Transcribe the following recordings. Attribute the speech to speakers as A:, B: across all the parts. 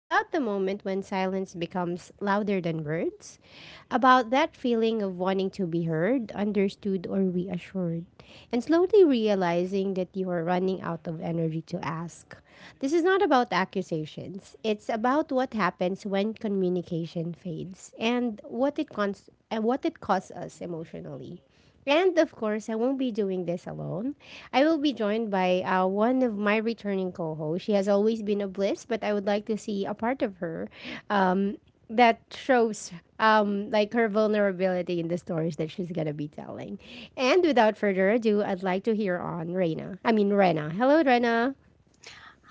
A: About the moment when silence becomes louder than words, about that feeling of wanting to be heard, understood, or reassured, and slowly realizing that you are running out of energy to ask. This is not about accusations, it's about what happens when communication fades and what it costs us emotionally. And of course, I won't be doing this alone. I will be joined by one of my returning co hosts. She has always been a bliss, but I would like to see a part of her um, that shows like her vulnerability in the stories that she's going to be telling. And without further ado, I'd like to hear on Reina. I mean, Rena. Hello, Rena.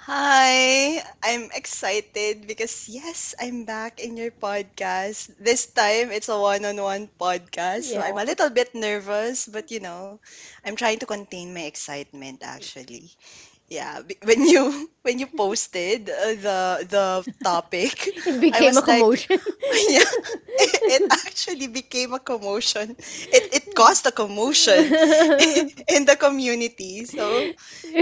B: Hi, I'm excited because yes, I'm back in your podcast. This time it's a one-on-one podcast, so
A: Yeah,
B: I'm a little bit nervous, but you know, I'm trying to contain my excitement actually. Yeah, when you when you posted the topic,
A: it
B: I
A: became
B: was
A: a
B: like,
A: commotion.
B: yeah, it actually became a commotion. It caused a commotion in the community. So,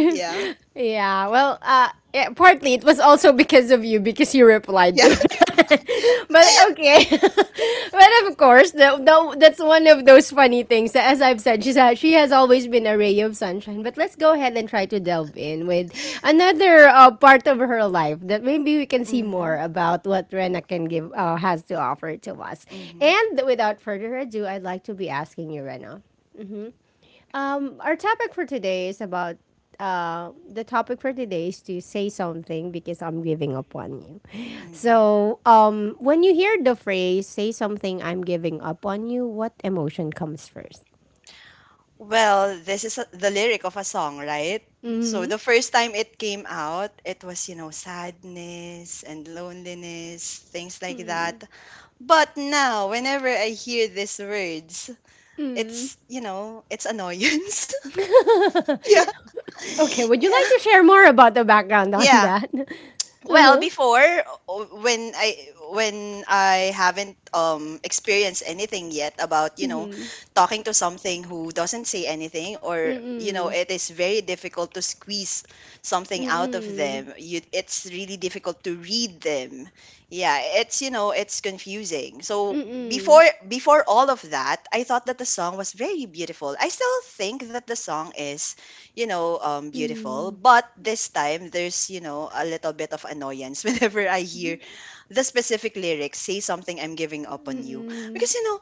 B: yeah.
A: Yeah, well, yeah, partly it was also because of you because you replied to
B: Yeah.
A: it. But okay. But of course, that's one of those funny things. As I've said, she has always been a ray of sunshine. But let's go ahead and try to delve in with another part of her life that maybe we can see more
B: Mhm.
A: about what Rena can give has to offer to us.
B: Mhm.
A: And without further ado, I'd like to be asking you, Rena, our topic for today is about the topic for today is to say something because I'm giving up on you.
B: Mhm.
A: So, when you hear the phrase "say something I'm giving up on you," what emotion comes first?
B: Well, this is the lyric of a song, right? So
A: Hmm.
B: the first time it came out, it was, you know, sadness and loneliness, things like that. But now, whenever I hear these words, it's, you know, it's annoyance. yeah.
A: Okay, would you
B: Yeah.
A: like to share more about the background on
B: Yeah.
A: that?
B: Well,
A: Uh-huh.
B: o- when I when I haven't experienced anything yet about, you know, talking to something who doesn't say anything, or you know,
A: Mm-mm.
B: it is very difficult to squeeze something out of
A: Mm-mm.
B: them. You, it's really difficult to read them. Yeah, it's, you know, it's confusing. So
A: Mm-mm.
B: before all of that, I thought that the song was very beautiful. I still think that the song is, you know, beautiful.
A: Mm-mm.
B: But this time, there's, you know, a little bit of annoyance whenever I hear the specific lyrics, say something I'm giving up on you.
A: Mm-mm.
B: Because, you know,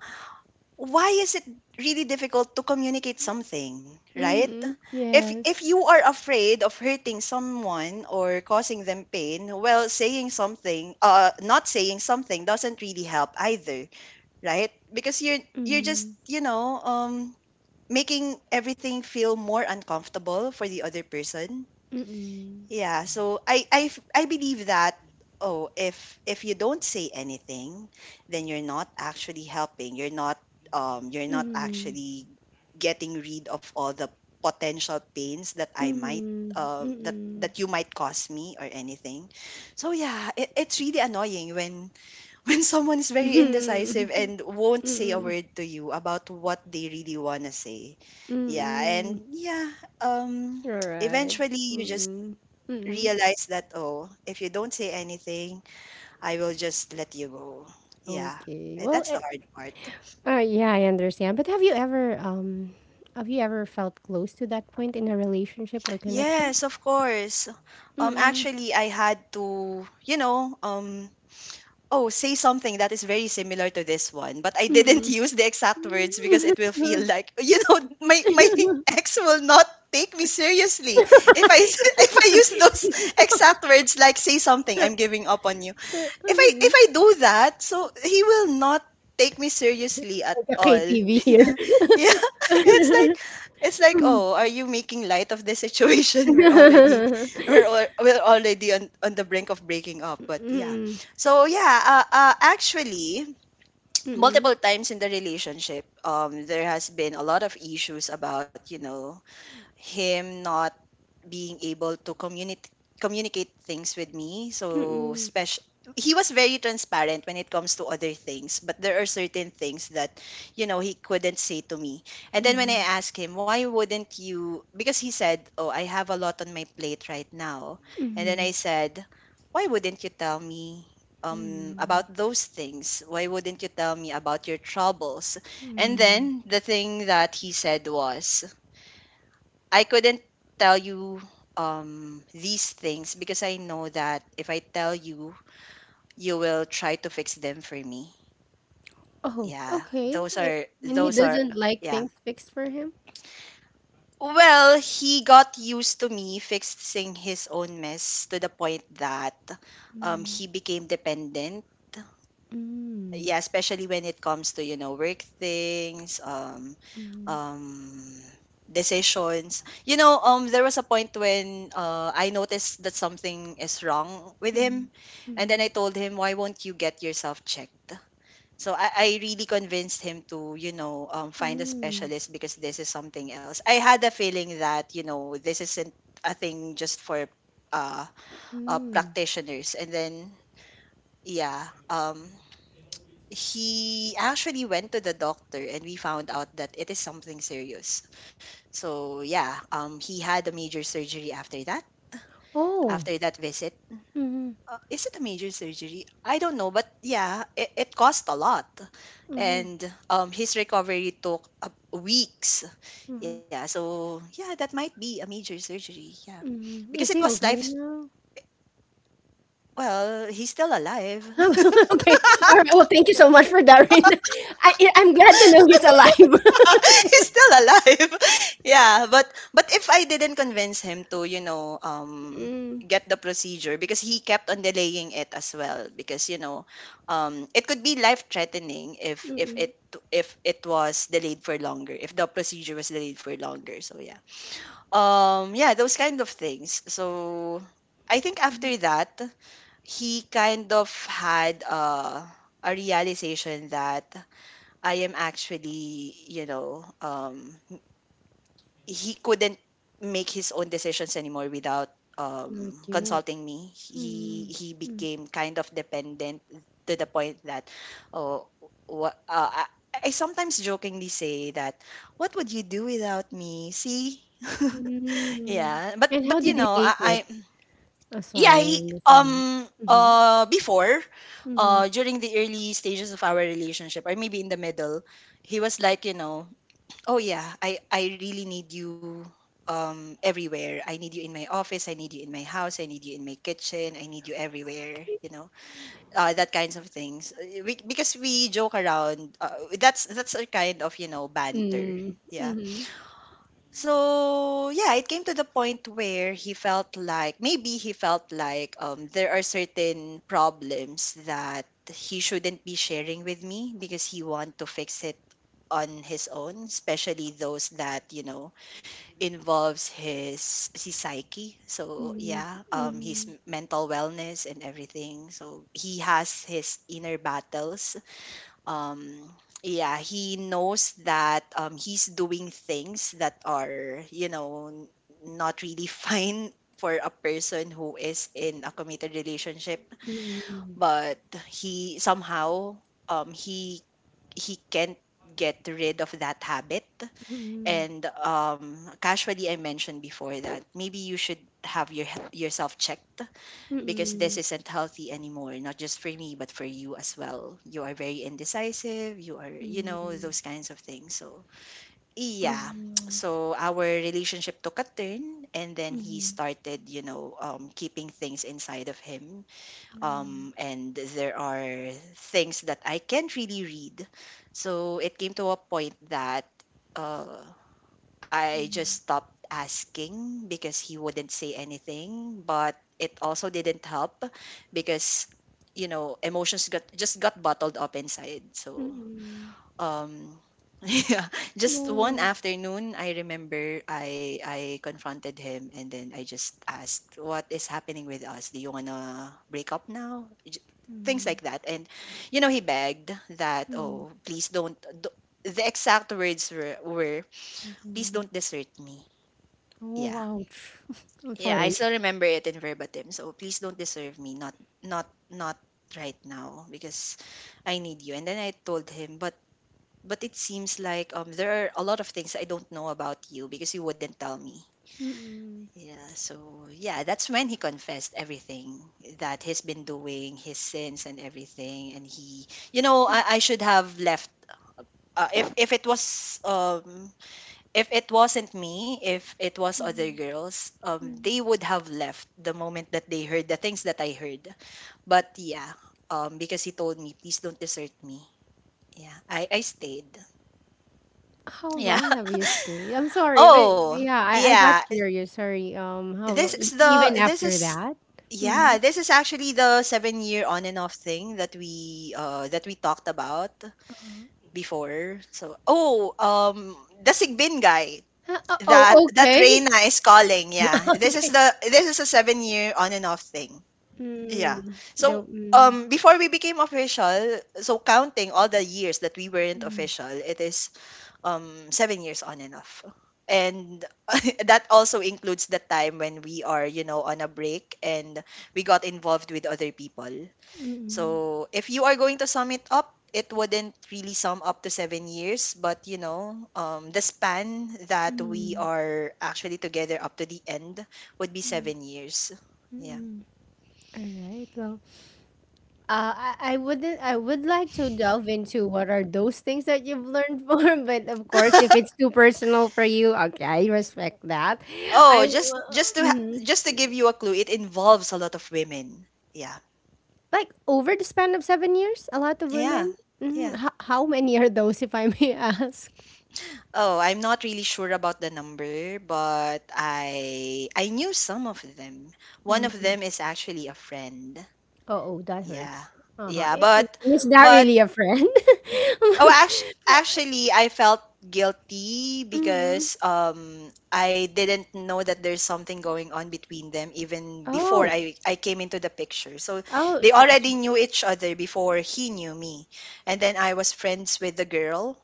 B: why is it really difficult to communicate something, right?
A: Mm-mm.
B: If
A: Yes.
B: you are afraid of hurting someone or causing them pain, well, saying something, not saying something doesn't really help either, right? Because you're just,
A: Mm-mm.
B: you know, making everything feel more uncomfortable for the other person.
A: Mm-mm.
B: Yeah, so I believe that, oh, if you don't say anything, then you're not actually helping. You're not, you're not
A: Mm-mm.
B: actually getting rid of all the potential pains that I might
A: Mm-mm. Mm-mm.
B: that you might cause me or anything. So yeah, it, it's really annoying when someone is very indecisive
A: Mhm,
B: and won't say a
A: mhm,
B: word to you about what they really want to say. Yeah,
A: mhm.
B: and yeah, um
A: Alright.
B: eventually you just
A: Mhm, mhm.
B: realize that, oh, if you don't say anything, I will just let you go. Yeah.
A: Okay.
B: And
A: Well,
B: that's
A: eh,
B: the hard part.
A: yeah, I understand. But have you ever felt close to that point in a relationship or connection?
B: Yes, of course.
A: Mm-mm.
B: Actually I had to, you know, oh, say something that is very similar to this one, but I didn't
A: Mm-mm.
B: use the exact words because it will feel like, you know, my ex will not take me seriously if I s- if I use those exact words, like say something I'm giving up on you.
A: Like
B: If I do that, so he will not take me seriously at
A: a
B: all.
A: KTV here.
B: Yeah. Yeah. It's like, "Oh, are you making light of the situation? We're already, we're already on the brink of breaking up." But yeah.
A: Mm-mm.
B: So yeah, actually
A: Mm-mm.
B: multiple times in the relationship, there has been a lot of issues about, you know, him not being able to communicate things with me. So
A: Mm-mm.
B: special, he was very transparent when it comes to other things, but there are certain things that, you know, he couldn't say to me. And then when
A: Mm-mm.
B: I asked him, "Why wouldn't you?" Because he said, "Oh, I have a lot on my plate right now." And then
A: Mm-mm.
B: I said, "Why wouldn't you tell me
A: Mm-mm.
B: about those things? Why wouldn't you tell me about your troubles?" And
A: Hmm.
B: then the thing that he said was, I couldn't tell you these things because I know that if I tell you, you will try to fix them for me.
A: Oh,
B: Yeah,
A: okay.
B: those
A: A-
B: are
A: And he doesn't like
B: yeah.
A: things fixed for him?
B: Well, he got used to me fixing his own mess to the point that
A: Mm,
B: he became dependent,
A: mm,
B: yeah, especially when it comes to, you know, work things,
A: mm,
B: um decisions, you know. There was a point when I noticed that something is wrong with
A: mm,
B: him, and then
A: mm,
B: I told him, why won't you get yourself checked? so i, I really convinced him to, you know, find a
A: mm,
B: specialist because this is something else. I had a feeling that, you know, this isn't a thing just for uh, uh,
A: mm.
B: practitioners. And then, yeah, he actually went to the doctor, and we found out that it is something serious. So yeah, he had a major surgery after that.
A: Oh.
B: After that visit,
A: Mm-hmm,
B: is it a major surgery? I don't know, but yeah, it cost a lot,
A: mm-hmm,
B: and his recovery took weeks.
A: mm-hmm,
B: Yeah, so yeah, that might be a major surgery. Yeah,
A: mm-hmm.
B: because it
A: Is he
B: was life.
A: okay now?
B: Well, he's still alive.
A: Okay. All right. Well, thank you so much for that, Raina. I'm glad to know he's alive.
B: He's still alive. Yeah, but if I didn't convince him to, you know,
A: Mm,
B: get the procedure, because he kept on delaying it as well, because, you know, it could be life threatening
A: mm-mm.
B: if it was delayed for longer, if the procedure was delayed for longer. So yeah. Yeah, those kind of things. So I think after that, he kind of had a realization that I am actually, you know, he couldn't make his own decisions anymore without um,
A: Not you.
B: consulting me. He
A: Mm,
B: he
A: mm,
B: became kind of dependent to the point that, oh, what I sometimes jokingly say that, what would you do without me? See,
A: mm.
B: yeah, but
A: And how
B: you
A: did he
B: know,
A: take
B: I
A: it? Oh,
B: yeah,
A: sorry,
B: he,
A: I'm listening. Mm-hmm,
B: before,
A: mm-hmm.
B: during the early stages of our relationship, or maybe in the middle, he was like, you know, oh yeah, I really need you everywhere. I need you in my office, I need you in my house, I need you in my kitchen, I need you everywhere,
A: Okay.
B: you know. That kinds of things. We, because we joke around. That's our kind of, you know, banter.
A: Mm,
B: Yeah.
A: mhm.
B: So, yeah, it came to the point where he felt like, maybe he felt like, there are certain problems that he shouldn't be sharing with me because he want to fix it on his own, especially those that, you know, involves his psyche. So
A: Mm,
B: yeah,
A: mm,
B: mental wellness and everything. So he has his inner battles. Um, yeah, he knows that he's doing things that are, you know, not really fine for a person who is in a committed relationship,
A: mm,
B: but he somehow, um, he he can't get rid of that habit.
A: mm,
B: And casually, I mentioned before that maybe you should have yourself checked because this
A: mm,
B: isn't healthy anymore. Not just for me, but for you as well. You are very indecisive. You are, you know,
A: mm.
B: those kinds of things. So
A: Oh,
B: yeah.
A: yes.
B: So our relationship took a turn, and then he
A: Mm,
B: started, you know, keeping things inside of him.
A: yeah.
B: And there are things that I can't really read. So it came to a point that, uh, I just stopped asking because he wouldn't say anything, but it also didn't help because, you know, emotions got just got bottled up inside. So
A: Mm,
B: um, yeah, just one
A: no.
B: afternoon, I remember I confronted him, and then I just asked, what is happening with us? Do you wanna break up now? J- things
A: Mm,
B: like that. And you know, he begged that,
A: mm,
B: oh, please don't do. The exact words were, please
A: mhm.
B: don't desert me.
A: Oh,
B: Yeah.
A: ouch. I'm
B: Yeah, I
A: sorry.
B: still remember it in verbatim. So, please don't deserve me. Not not not right now, because I need you. And then I told him, but it seems like there are a lot of things I don't know about you because you wouldn't tell me.
A: Mm-mm.
B: Yeah, so yeah, that's when he confessed everything that he's been doing, his sins and everything. And he, you know, I should have left. If it was if it wasn't me, if it was other girls, they would have left the moment that they heard the things that I heard. But yeah, because he told me, please don't desert me. Yeah, I stayed.
A: How
B: Yeah.
A: long have you stayed? I'm sorry, but
B: Oh,
A: yeah, I got
B: yeah.
A: curious. Sorry. How lo-
B: This
A: e-
B: is
A: even after that? Mm-hmm.
B: yeah, this is actually the 7 year on and off thing that we talked about
A: Uh-huh.
B: before. So oh, um, the Sigbin guy.
A: Huh,
B: That
A: oh,
B: that
A: okay.
B: Reina is calling, yeah. This is
A: Okay.
B: a 7 year on and off thing. Yeah.
A: Mm,
B: So
A: the, mm,
B: um, before we became official, so counting all the years that we
A: mm,
B: weren't
A: mm.
B: official, it is um, 7 years on and off. And that also includes the time when we are, you know, on a break and we got involved with other people.
A: Mm.
B: So if you are going to sum it up, it wouldn't really sum up to 7 years, but you know, the span that we
A: Mm-hmm.
B: are actually together up to the end would be 7 years. Yeah.
A: All right. Well, I wouldn't. I would like to delve into what are those things that you've learned more. But of course, if it's too personal for you, okay, I respect that.
B: Oh,
A: I
B: just just to ha-
A: mm
B: just to give you a clue, it involves a lot of women. Yeah.
A: like over the span of 7 years, a lot of
B: Yeah.
A: women. Mm,
B: Yeah.
A: how many are those, if I may ask?
B: Oh, I'm not really sure about the number, but I knew some of them. One of
A: Mm-hmm.
B: them is actually a friend.
A: Oh, oh, that
B: Yeah.
A: hurts. Uh huh.
B: Yeah,
A: Is that
B: but
A: really a friend?
B: Oh, actually, I felt guilty
A: Mm.
B: because I didn't know that there's something going on between them even before
A: Oh,
B: I came into the picture. So
A: oh,
B: they
A: so.
B: already knew each other before he knew me. And then I was friends with the girl.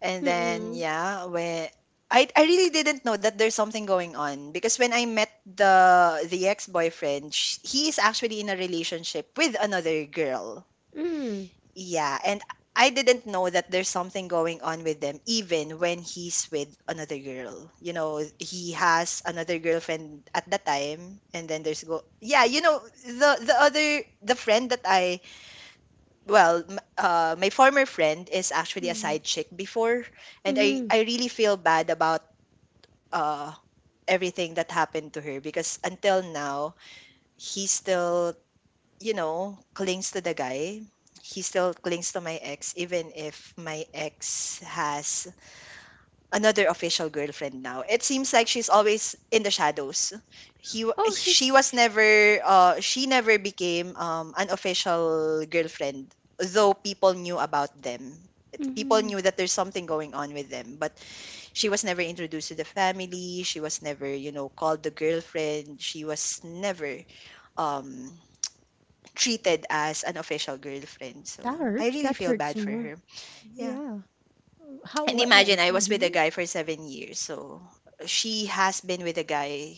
B: And then
A: Mm-mm.
B: yeah, when I really didn't know that there's something going on because when I met the ex-boyfriend, he is actually in a relationship with another girl,
A: Mm.
B: yeah. And I didn't know that there's something going on with them even when he's with another girl. You know, he has another girlfriend at the time and then there's go yeah, the the other the friend that my former friend is actually a side chick before, and I
A: Mhm.
B: I really feel bad about uh everything that happened to her, because until now he's still, you know, clings to the guy. He still clings to my ex, even if my ex has another official girlfriend now. It seems like she's always in the shadows.
A: Oh,
B: She
A: she's
B: was never, she never became an official girlfriend, though people knew about them. People
A: mhm.
B: knew that there's something going on with them, but she was never introduced to the family. She was never, you know, called the girlfriend. She was never, um treated as an official girlfriend. So
A: That
B: I
A: hurts.
B: really
A: That
B: feel
A: hurts
B: bad for
A: more.
B: her. Yeah.
A: Yeah. How
B: And
A: what wo-
B: imagine I was with a
A: mhm.
B: guy for 7 years. So she has been with a guy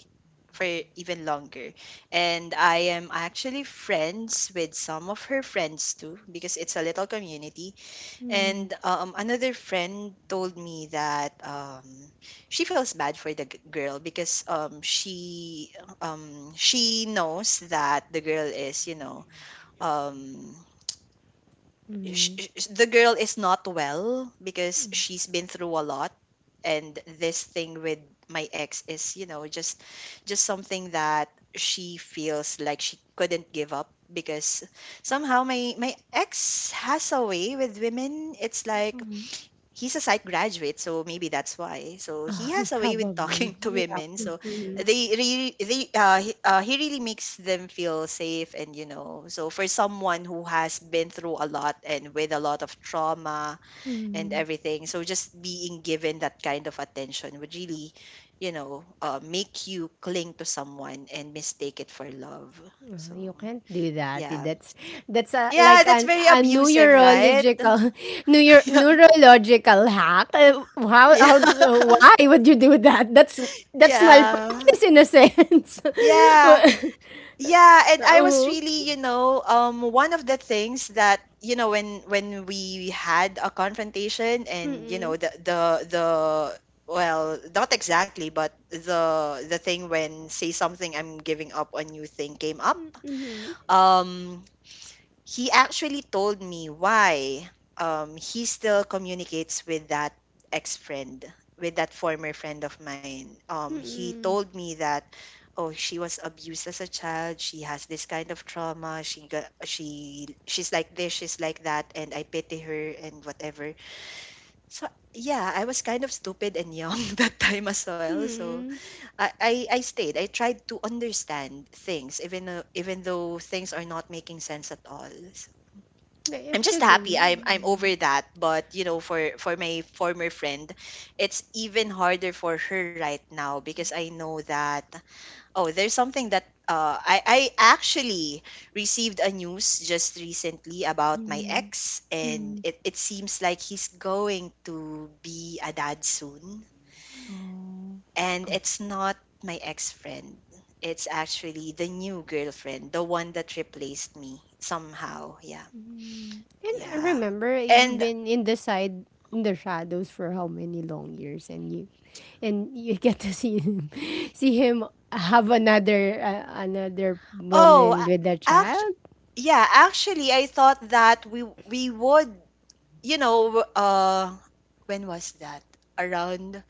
B: for even longer. And I am actually friends with some of her friends too, because it's a little community.
A: Mm.
B: And another friend told me that, she feels bad for the girl because, she knows that the girl is, you know, um
A: Mm. Mm.
B: the girl is not well because she's been through a lot, and this thing with my ex is, you know, just something that she feels like she couldn't give up, because somehow my ex has a way with women. It's like
A: Um,
B: he's a psych graduate, so maybe that's why. So he has a way with talking
A: probably.
B: to
A: Yeah.
B: women. So
A: Mhm.
B: they really, he really makes them feel safe, and you know, so for someone who has been through a lot and with a lot of trauma and
A: Mhm.
B: everything, so just being given that kind of attention would really, you know, make you cling to someone and mistake it for love. So.
A: You can't do that.
B: Yeah.
A: That's a
B: Yeah,
A: like
B: that's
A: an,
B: very
A: a
B: abusive, right?
A: neurological neuro,
B: Yeah.
A: neurological hack.
B: Yeah.
A: How why would you do that? That's
B: Yeah.
A: malpractice in a sense.
B: Yeah, yeah, and I was
A: Uh-huh.
B: really, you know, one of the things that, you know, when we had a confrontation and, you
A: Mm-mm.
B: know, the well, not exactly, but the thing when say something I'm giving up on you thing came up.
A: Mm-mm.
B: Um, he actually told me why, he still communicates with that ex friend, with that former friend of mine. He
A: Mm-mm.
B: told me that, oh, she was abused as a child. She has this kind of trauma. She she's like this, she's like that, and I pity her and whatever. So yeah, I was kind of stupid and young that time as well. So
A: Hmm.
B: I stayed. I tried to understand things, even though things are not making sense at all.
A: But
B: I'm
A: if
B: just
A: the girl.
B: happy. I'm
A: Mm,
B: over that. But you know, for my former friend, it's even harder for her right now because I know that oh, there's something that I actually received a news just recently about my
A: mm,
B: ex, and
A: mm,
B: it seems like he's going to be a dad soon,
A: oh,
B: and
A: oh,
B: it's not my ex friend. It's actually the new girlfriend, the one that replaced me somehow. Yeah,
A: mm. And I
B: yeah.
A: remember you've
B: And
A: been in the side in the shadows for how many long years, and you get to see him, see him have another another
B: Oh,
A: woman with a
B: act
A: child.
B: yeah, actually I thought that we would, you know, uh when was that? Around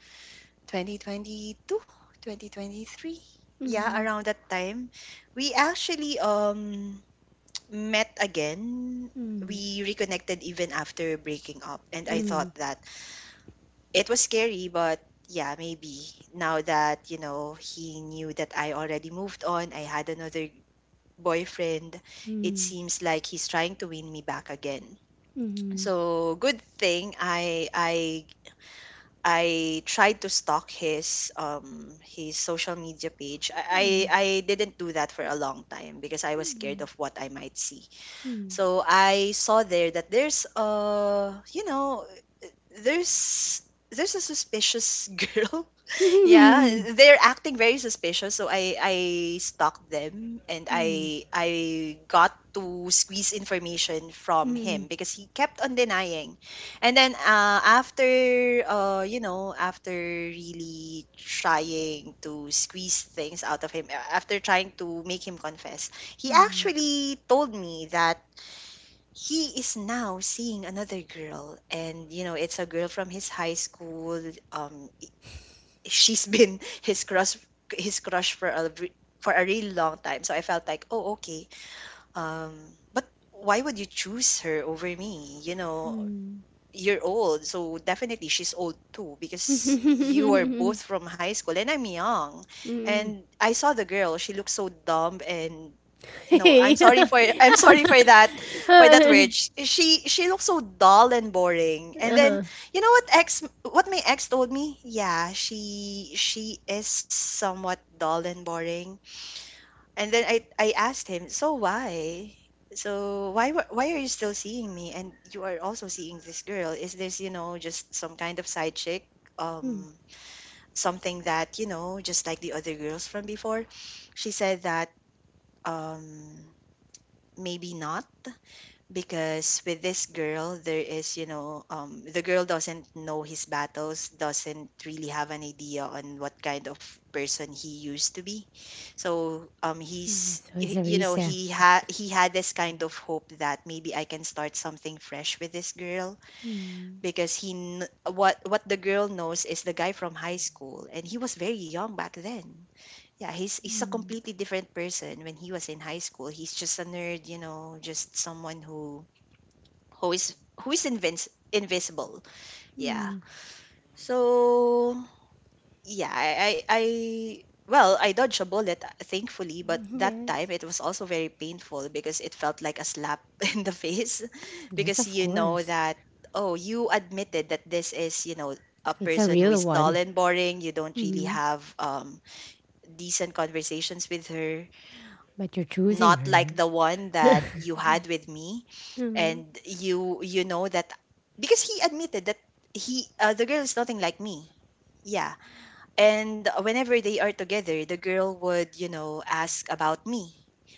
B: 2022, 2023. Yeah,
A: Mm,
B: around that time. We actually met again.
A: mm,
B: We reconnected even after breaking up, and I
A: mm,
B: thought that it was scary, but yeah, maybe now that, you know, he knew that I already moved on, I had another boyfriend, it
A: mm,
B: seems like he's trying to win me back again.
A: mm, mm, mm.
B: So good thing I tried to stalk his social media page. I didn't do that for a long time because I was scared of what I might see.
A: Mm,
B: So I saw there that there's you know there's there's a suspicious girl. Yeah, they're acting very suspicious, so I stalked them, and I got to squeeze information from
A: hmm.
B: him because he kept on denying. And then after you know after really trying to squeeze things out of him, after trying to make him confess, he
A: Mm,
B: actually told me that he is now seeing another girl, and you know it's a girl from his high school. um she's been his crush for for a really long time. So I felt like, oh, okay. Um, but why would you choose her over me? You know, you're old, so definitely she's old too because you are
A: hmm.
B: both from high school and I'm young. And I saw the girl; she looked so dumb and no, I'm
A: Hey.
B: sorry for I'm sorry for that word. She looks so dull and boring. And then
A: Uh-huh.
B: you know what ex what my ex told me? Yeah, she is somewhat dull and boring. And then I asked him, "So why? Why are you still seeing me and you are also seeing this girl? Is this, you know, just some kind of side chick?
A: Mm,
B: Um Something that, you know, just like the other girls from before?" She said that um maybe not, because with this girl there is, you know, the girl doesn't know his battles, doesn't really have an idea on what kind of person he used to be. So,
A: so it's a
B: you know
A: reset.
B: he had this kind of hope that maybe I can start something fresh with this girl,
A: Mm,
B: because he kn- what the girl knows is the guy from high school and he was very young back then. Yeah, he's a
A: mm,
B: completely different person when he was in high school. He's just a nerd, you know, just someone who who is invisible. Yeah.
A: mm,
B: So yeah, I well, I dodged a bullet thankfully, but that time
A: yes.
B: it was also very painful because it felt like a slap in the face,
A: Yes,
B: because
A: of
B: you know
A: course.
B: that oh, you admitted that this is, you know, a
A: It's a
B: person who
A: real
B: is
A: one.
B: dull and boring, you don't really
A: Hmm.
B: have decent conversations with her,
A: But you're choosing
B: not like
A: her.
B: the one that you had with me, and you know that, because he admitted that he the girl is nothing like me, yeah, and whenever they are together the girl would, you know, ask about me,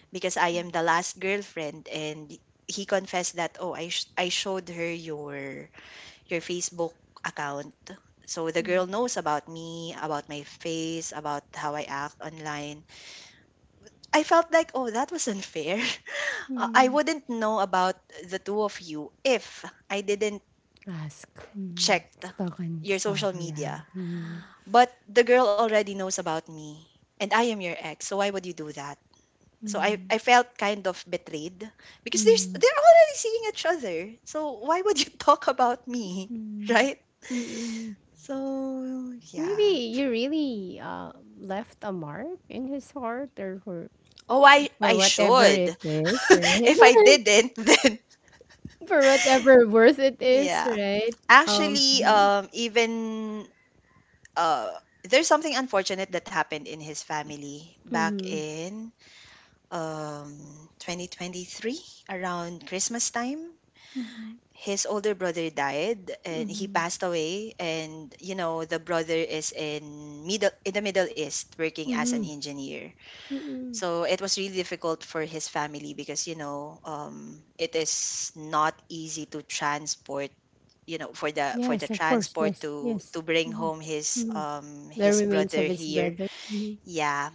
B: because I am the last girlfriend. And he confessed that oh I showed her your Facebook account, so the girl knows about me, about my face, about how I act online. I felt like oh that was unfair. I
A: Mm,
B: wouldn't know about the two of you if I didn't
A: ask. Mm,
B: checked
A: stalk and
B: your
A: stalk,
B: social
A: yeah.
B: media,
A: Mm,
B: but the girl already knows about me, and I am your ex, so why would you do that? So I,
A: mm,
B: I felt kind of betrayed, because there's
A: mm,
B: they're already seeing each other. So why would you talk about me?
A: mm,
B: Right?
A: mm.
B: So
A: Maybe
B: yeah.
A: you really left a mark in his heart
B: Oh I
A: or
B: I
A: whatever it
B: should.
A: is, right?
B: If I didn't then
A: For whatever worth it is,
B: yeah.
A: right?
B: Actually,
A: Mhm,
B: even uh there's something unfortunate that happened in his family back
A: mhm,
B: in um 2023, around Christmas time. His older brother died and he
A: mhm,
B: passed away, and you know the brother is in middle in the middle east working as an
A: mhm,
B: engineer.
A: mhm.
B: So it was really difficult for his family, because you know it is not easy to transport, you know, for the
A: Yes, of course.
B: transport
A: Yes, yes.
B: to bring
A: Mhm,
B: home
A: mhm. The
B: his
A: remains of
B: brother
A: his
B: here.
A: brother. Mhm,
B: Yeah.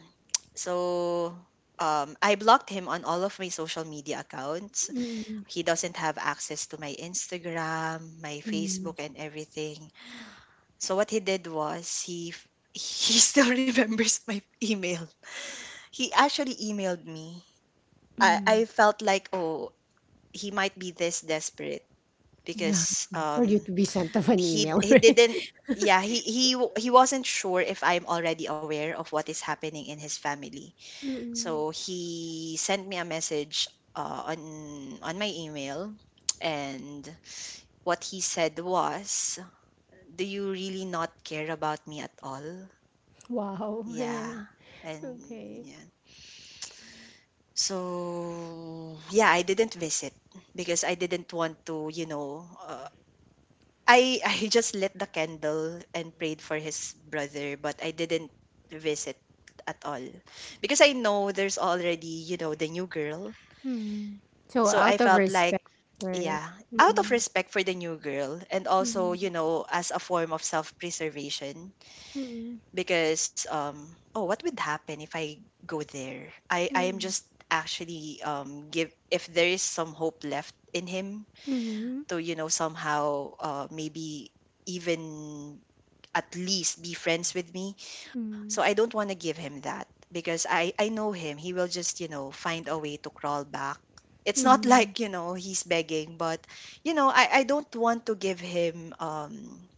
B: So, I blocked him on all of my social media accounts.
A: mhm,
B: He doesn't have access to my Instagram, my
A: mhm,
B: Facebook, and everything. So what he did was he still remembers my email. He actually emailed me. I,
A: mhm.
B: I felt like, oh, he might be this desperate
A: Yeah,
B: because
A: for you to be sent of an email,
B: he
A: right?
B: didn't yeah, he wasn't sure if I'm already aware of what is happening in his family.
A: Mm,
B: So he sent me a message uh, on on my email, and what he said was, "Do you really not care about me at all?"
A: wow.
B: Yeah, and
A: Okay.
B: yeah. So yeah, I didn't visit because I didn't want to, you know. I I just lit the candle and prayed for his brother, but I didn't visit at all because I know there's already, you know, the new girl.
A: Mm. So
B: So I
A: out of
B: felt like,
A: respect, right?
B: yeah, out of
A: Mm.
B: respect for the new girl and also,
A: Mm.
B: you know, as a form of self preservation,
A: Mm.
B: because, oh, what would happen if I go there? I am
A: Mm.
B: just actually if there is some hope left in him
A: Mm.
B: to, you know, somehow maybe even at least be friends with me. So I
A: Mm.
B: don't want to give him that because I know him. He will just, you know, find a way to crawl back. It's not
A: Mm.
B: like, you know, he's begging, but you know, I don't want to give him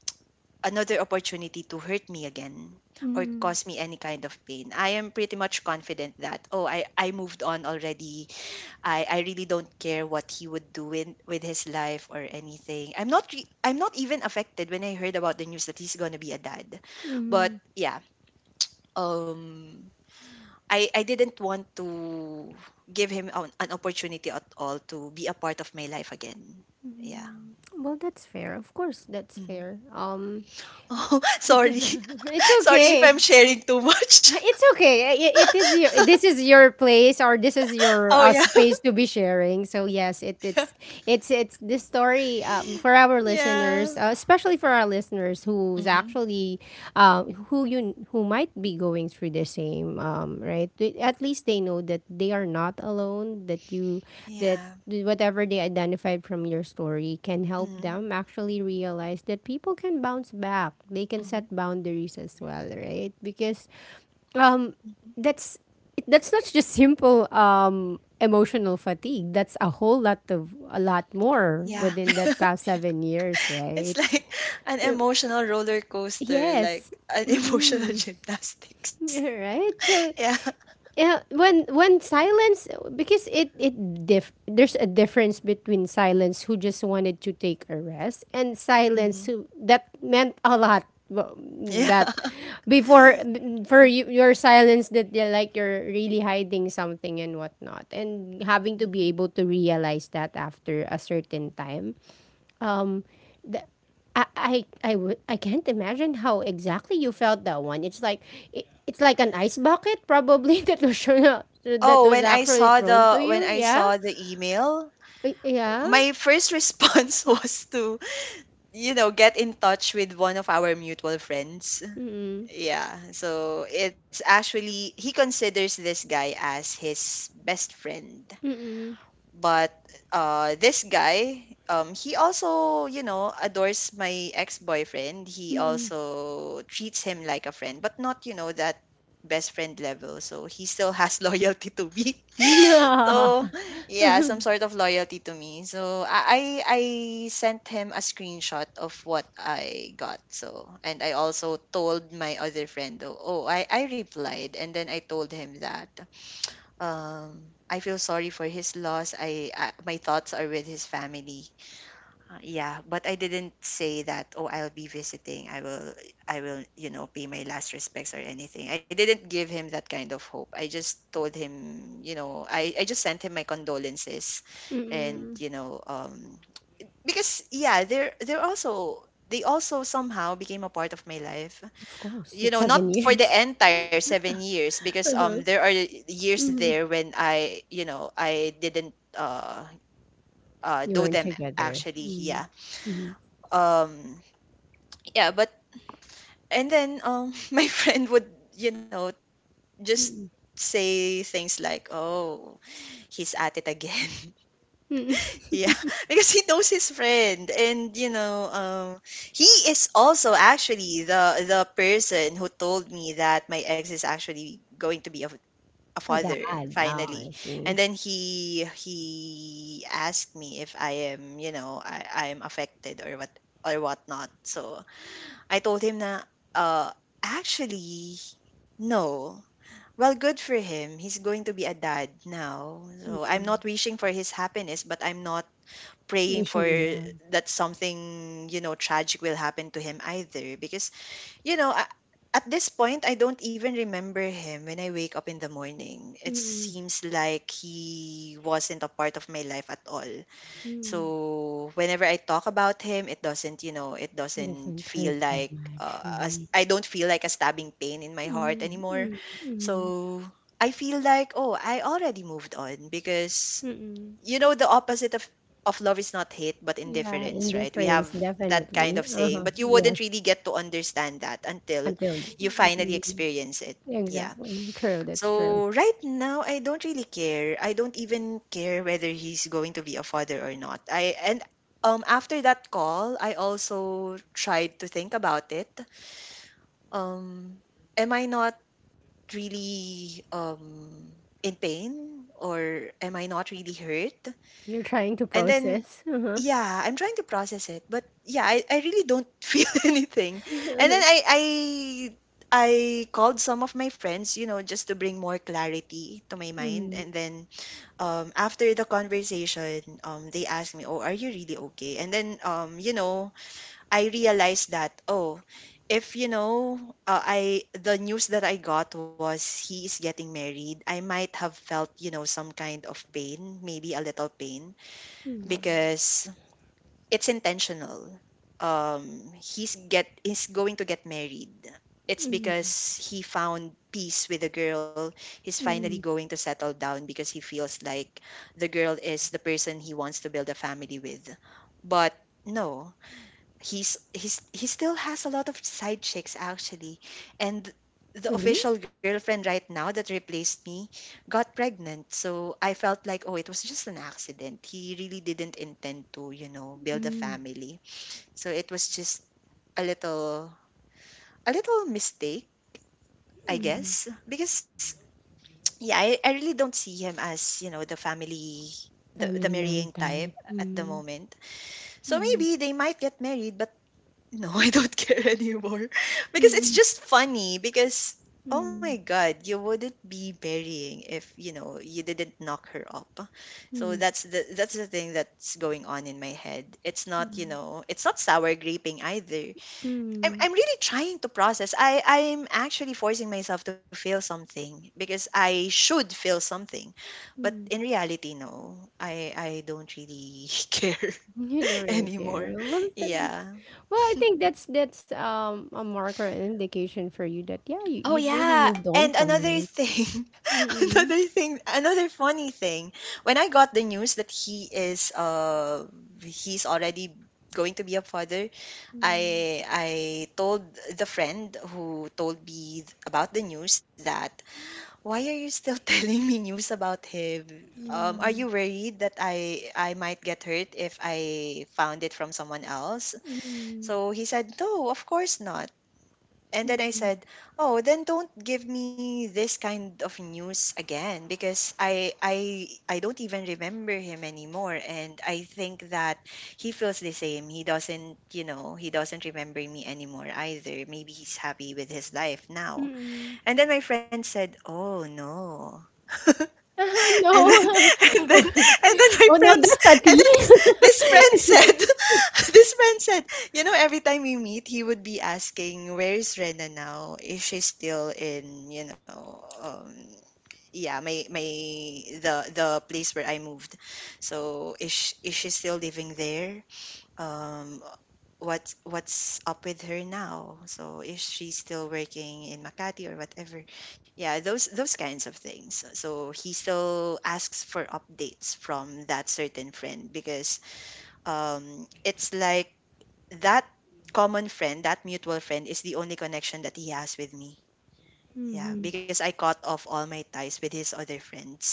B: another opportunity to hurt me again or
A: Mm.
B: cause me any kind of pain. I am pretty much confident that, oh, I moved on already. I really don't care what he would do in, with his life or anything. I'm not even affected when I heard about the news that he's going to be a dad. But
A: Mm.
B: yeah, um I didn't want to give him an opportunity at all to be a part of my life again. Yeah.
A: Well, that's fair. Of course, that's
B: Mhm.
A: fair.
B: Oh, sorry.
A: It's
B: Sorry if I'm
A: okay.
B: sharing too much.
A: It's okay. I- It is your this is your place or this is your
B: Oh yeah.
A: space to be sharing. So yes, it it's this story for our
B: Yeah.
A: listeners, especially for our listeners who's
B: Hmm.
A: actually uh, who you who might be going through the same right. They- At least they know that they are not alone. That you that
B: Yeah.
A: whatever they identified from your story can help
B: Hmm.
A: them actually realize that people can bounce back. They can set
B: Hmm.
A: boundaries as well, right? Because um
B: Hmm.
A: that's it, that's not just simple emotional fatigue, that's a whole lot of a lot more
B: Yeah.
A: within that past 7 years,
B: It's
A: right?
B: like an
A: Uh,
B: emotional roller coaster, like
A: yes
B: an emotional
A: mm-hmm.
B: gymnastics.
A: right so
B: Yeah.
A: yeah, when silence because it diff there's a difference between silence who just wanted to take a rest and
B: Hmm.
A: silence who that meant a lot. Well,
B: Yeah.
A: that before for you, your silence that they're like you're really hiding something and whatnot and having to
B: Hmm.
A: be able to realize that after a certain time um the, I would I can't imagine how exactly you felt that one. It's like it, it's like an ice bucket probably that was shown, that
B: Oh,
A: was actually thrown to
B: when
A: you.
B: I
A: Yeah,
B: saw the email,
A: y- yeah.
B: my first response was to, you know, get in touch with one of our mutual friends.
A: Mm
B: Yeah, so it's actually, he considers this guy as his best friend,
A: mm
B: but this guy, he also, you know, adores my ex-boyfriend. He
A: mm
B: also treats him like a friend but not, you know, that best friend level, so he still has loyalty to me.
A: mm.
B: So yeah, some sort of loyalty to me. So I I sent him a screenshot of what I got. So, and I also told my other friend though, oh, I replied and then I told him that I feel sorry for his loss. I, my thoughts are with his family. Yeah, but I didn't say that, oh, I'll be visiting. I will, you know, pay my last respects or anything. I didn't give him that kind of hope. I just told him, you know, I just sent him my condolences and,
A: Mm.
B: you know, because yeah, they're also, they also somehow became a part of my life.
A: Of course,
B: You
A: it's
B: know,
A: seven
B: not for the
A: years.
B: entire 7 years because there are years there
A: Mm.
B: when I, you know, I didn't
A: You
B: know
A: weren't
B: them
A: together.
B: actually. Yeah.
A: Mm-hmm.
B: Um, yeah, but and then my friend would, you know, just
A: Mm-hmm.
B: say things like, oh, he's at it again. Yeah. Because he knows his friend and, you know, he is also actually the person who told me that my ex is actually going to be a
A: Dad.
B: father
A: Oh, I
B: finally.
A: see.
B: And then he asked me if I am you know I am affected or what or whatnot. So I told him, na, uh, "Actually, no." Well, good for him. He's going to be a dad now. So
A: Mm.
B: I'm not wishing for his happiness, but I'm not praying
A: Wish him
B: for
A: love.
B: that something, you know, tragic will happen to him either because, you know, at this point I don't even remember him when I wake up in the morning. It
A: Mm-hmm.
B: seems like he wasn't a part of my life at all. So whenever I talk about him, it doesn't, you know, it doesn't
A: Doesn't hurt
B: feel
A: that
B: like
A: much.
B: as
A: Mm,
B: I don't feel like a stabbing pain in my heart
A: mm,
B: anymore.
A: mm, mm,
B: So I feel like, oh, I already moved on because,
A: mm.
B: you know, the opposite of love is not hate but
A: Yeah,
B: indifference, right? We have
A: indifference,
B: that kind
A: definitely.
B: of saying,
A: Uh-huh.
B: but you
A: Yes,
B: wouldn't really get to understand that until
A: until y-
B: you finally
A: mm,
B: experience it. Yeah.
A: exactly. True, that's true.
B: So right now, I don't really care. I don't even care whether he's going to be a father or not. I, and after that call, I also tried to think about it. Um, am I not really in pain, or am I not really hurt?
A: You're trying to
B: And then
A: process. Uh-huh.
B: yeah, I'm trying to process it, but yeah, I really don't feel anything. And then
A: Mm,
B: I called some of my friends, you know, just to bring more clarity to my mind.
A: mm,
B: And then after the conversation, they asked me, "Oh, are you really okay?" And then you know, I realized that, oh, if you know, I, the news that I got was he is getting married. I might have felt, you know, some kind of pain, maybe a little pain, because it's intentional. He's get is going to get married. It's
A: mm,
B: because he found peace with the girl. He's finally
A: mm.
B: going to settle down because he feels like the girl is the person he wants to build a family with. But no, he still has a lot of side chicks actually, and the
A: Really?
B: official girlfriend right now that replaced me got pregnant. So I felt like, oh, it was just an accident. He really didn't intend to, you know, build a
A: Mm,
B: family. So it was just a little, a little mistake, I
A: mm.
B: guess, because yeah, I really don't see him as, you know, the family, the
A: Family man
B: marrying type
A: type.
B: at the
A: Mm,
B: moment. So
A: mm,
B: maybe they might get married, but no, I don't care anymore. Because it's
A: mm,
B: just funny because, oh my
A: mm,
B: god, you wouldn't be marrying if, you know, you didn't knock her up. So
A: mm,
B: that's the, that's the thing that's going on in my head. It's not, you
A: mm,
B: know, it's not sour graping either.
A: mm.
B: I'm really trying to process. I'm actually forcing myself to feel something because I should feel something. But in
A: Mm.
B: reality, no. I don't really care
A: You don't really care.
B: anymore.
A: What is that?
B: Yeah.
A: Well, I think that's a marker, an indication for you that yeah, you
B: Oh
A: you've really
B: yeah,
A: moved
B: and
A: on from
B: another
A: it.
B: thing, another
A: Mm-mm.
B: thing, another funny thing. When I got the news that he is he's already going to be a father,
A: Mm.
B: I told the friend who told me about the news that why are you still telling me news about him?
A: Yeah.
B: Are you worried that I might get hurt if I found it from someone else?
A: Mm-mm.
B: So he said, "No, of course not." And then I
A: Mm-mm.
B: said, "Oh, then don't give me this kind of news again because I don't even remember him anymore, and I think that he feels the same. He doesn't, you know, he doesn't remember me anymore either. Maybe he's happy with his life now."
A: Mm-mm.
B: And then my friend said, "Oh, no."
A: Oh
B: And then and
A: no.
B: then and then my
A: Oh no,
B: friends
A: that's a
B: and
A: T.
B: then this this friend said this friend said, you know, every time we meet he would be asking where's Rena now, if she's still in, you know, yeah, my the place where I moved. So is she still living there, um what's up with her now, so is she still working in Makati or whatever. Yeah, those kinds of things. So he still asks for updates from that certain friend because, it's like that common friend, that mutual friend, is the only connection that he has with me. Yeah,
A: Mm-hmm.
B: because I cut off all my ties with his other friends.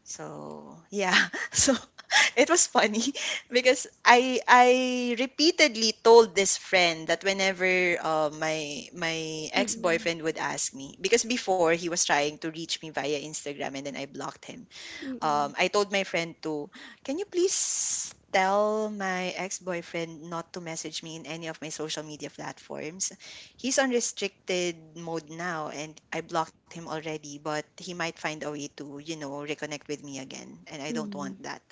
B: So, yeah. So it was funny because I repeatedly told this friend that whenever my
A: Mm-mm.
B: ex-boyfriend would ask me, because before he was trying to reach me via Instagram and then I blocked him.
A: Mm-mm.
B: I told my friend to, can you please tell my ex-boyfriend not to message me in any of my social media platforms? He's on restricted mode now, and I blocked him already, but he might find a way to, you know, reconnect with me again, and I don't
A: Mm-mm.
B: want that.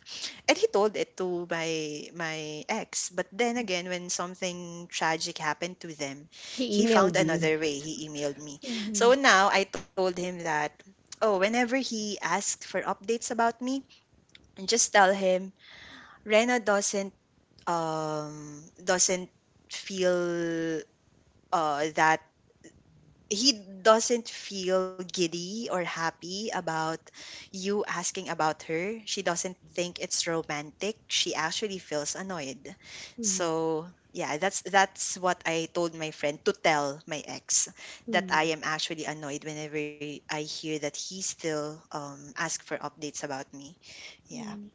B: And he told it to my ex, but then again when something tragic happened to them,
A: He
B: he found
A: emailed you.
B: another way. He emailed me. So now I told him that, oh, whenever he asks for updates about me, and just tell him Rena doesn't feel that he doesn't feel giddy or happy about you asking about her. She doesn't think it's romantic. She actually feels annoyed.
A: Mm.
B: So yeah, that's what I told my friend to tell my ex, that
A: Mm.
B: I am actually annoyed whenever I hear that he still ask for updates about me. Yeah.
A: Mm.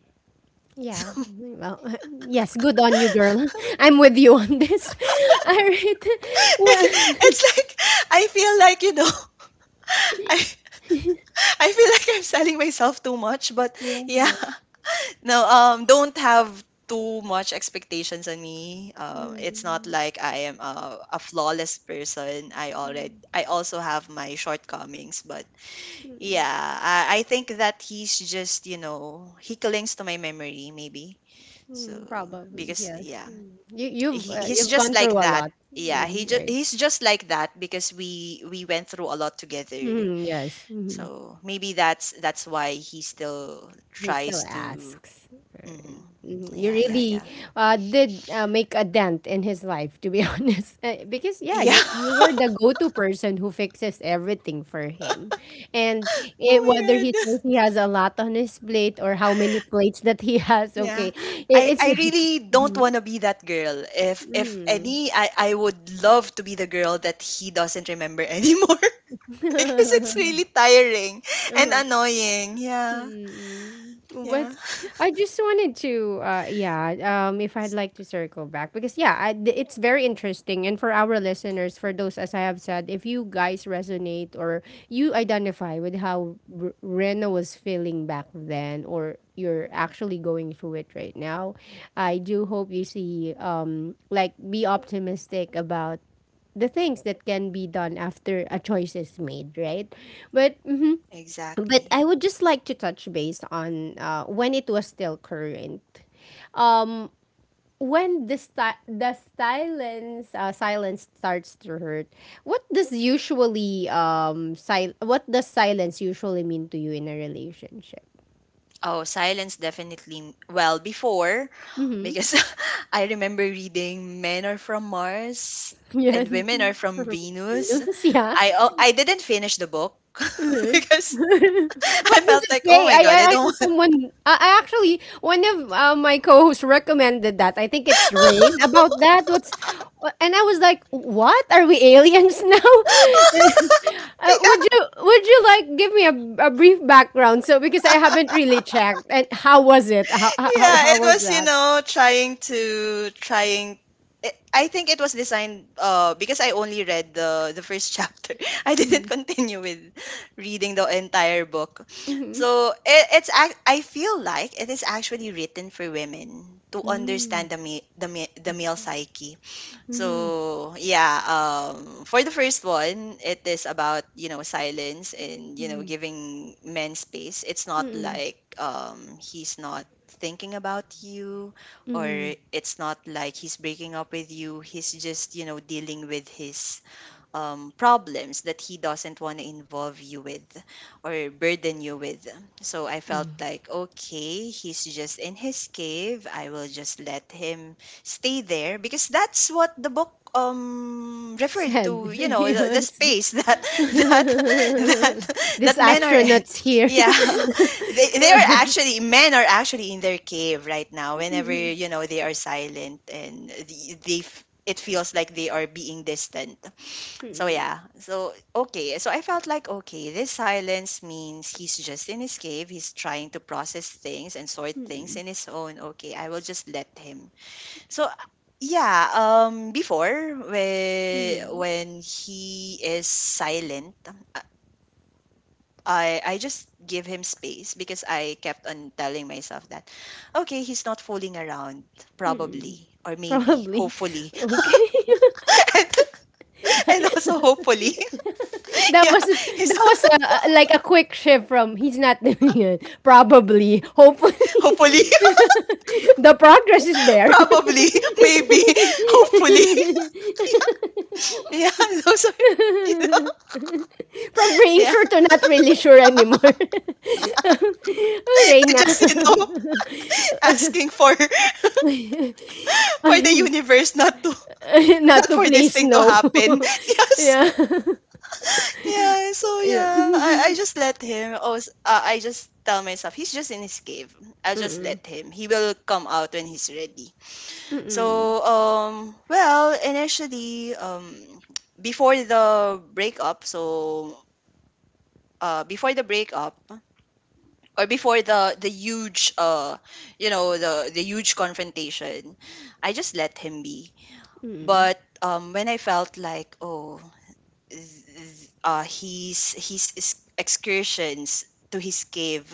A: Yeah. Well, yes, good on you, girl. I'm with you on this. All right. Well,
B: It's like I feel like I I feel like I'm selling myself too much, but
A: yeah.
B: yeah. No, don't have too much expectations on me. It's not
A: Mm.
B: like I am a flawless person. I
A: Mm.
B: already I also have my shortcomings, but
A: Mm.
B: yeah, I think that he's just he clings to my memory maybe, so.
A: Mm, probably,
B: Because
A: yes.
B: yeah,
A: Mm. You
B: he he's
A: you've
B: just
A: gone through
B: like
A: a
B: that.
A: lot,
B: Yeah, he
A: hmm
B: just
A: right?
B: he's just like that because we went through a lot together.
A: Hmm yes. Hmm.
B: So maybe that's why he still
A: He still
B: tries to.
A: asks.
B: Hmm.
A: Right. Mhm. You
B: Yeah, yeah,
A: really
B: yeah,
A: did make a dent in his life, to be honest. Because yeah,
B: yeah.
A: you were the go-to person who fixes everything for him, and it, whether
B: Oh
A: he
B: my god.
A: says he has a lot on his plate or how many plates that he has,
B: Yeah,
A: okay, it,
B: I
A: it's.
B: I really don't
A: Mhm.
B: want to be that girl. If any, I would love to be the girl that he doesn't remember anymore. Because it's
A: Mhm.
B: really tiring and annoying. Yeah,
A: Mm-mm. But
B: yeah.
A: I just wanted to, yeah, if I'd like to circle back because yeah, I, th- it's very interesting. And for our listeners, for those as I have said, if you guys resonate or you identify with how R- Rena was feeling back then, or you're actually going through it right now, I do hope you see, like be optimistic about the things that can be done after a choice is made, right? But mhm, but
B: Exactly.
A: I would just like to touch base on when it was still current. Um, when the silence starts to hurt, what does usually what does silence usually mean to you in a relationship?
B: Oh, silence definitely. Well, before,
A: Mm-hmm.
B: because I remember reading Men Are From Mars and
A: Yan.
B: Women Are From Venus.
A: Venus, yeah.
B: I, oh, I didn't finish the book
A: Mhm.
B: because I
A: What does
B: felt
A: it
B: like, oh
A: say?
B: my
A: I I
B: god, I
A: I
B: don't.
A: saw someone. I actually one of my co-hosts recommended that. I think it's Rain about that. What's wha- and I was like, what are we aliens now? Would you like give me a brief background? So because I haven't really checked. And how was it? How how how
B: Yeah,
A: how
B: it
A: was
B: was, you
A: that?
B: know, trying to trying it, I think it was designed, because I only read the first chapter. I didn't
A: Mm-hmm.
B: continue with reading the entire book.
A: Mm-hmm.
B: So it, it's ac- I feel like it is actually written for women to
A: Mm-hmm.
B: understand the male psyche,
A: Mm-hmm.
B: so yeah. For the first one, it is about, you know, silence and, you know, giving men space. It's not
A: Mm-hmm.
B: like, he's not thinking about you, or
A: Mm-hmm.
B: it's not like he's breaking up with you. He's just, you know, dealing with his problems that he doesn't want to involve you with or burden you with. So I felt like, okay, he's just in his cave. I will just let him stay there because that's what the book referred
A: Sad.
B: to, you know, the
A: Yes.
B: space that that that that
A: This
B: men are in.
A: astronaut's here.
B: Yeah. They are actually men are actually in their cave right now whenever, you know, they are silent, and they f- it feels like they are being distant. So yeah, so okay. So I felt like, okay, this silence means he's just in his cave. He's trying to process things and sort things in his own. Okay, I will just let him. So yeah, before, when he is silent, I just give him space because I kept on telling myself that, okay, he's not fooling around probably, or maybe,
A: Probably.
B: hopefully.
A: Okay.
B: and, and also hopefully.
A: That
B: Yeah,
A: was
B: he's.
A: a- like a quick shift from he's not doing it. Probably. Hopefully.
B: Hopefully,
A: The progress is there.
B: probably, maybe, hopefully. Yeah, those are, you know.
A: From being
B: Yeah.
A: sure to not really sure anymore. Okay
B: To
A: na.
B: just, you know, asking for for the universe not to,
A: Not
B: not
A: to
B: for this
A: please,
B: thing to
A: no.
B: happen. Yes.
A: Yeah.
B: Yeah, so
A: Ayun.
B: yeah, I just let him. Oh, s- I just tell myself he's just in his cave. I'll just
A: Mm,
B: let him. He will come out when he's ready.
A: mm,
B: So, well, initially, before the breakup, so before the breakup or before the huge you know, the huge confrontation, I just let him be.
A: mm.
B: But when I felt like, oh, he's, his is- excursions to his cave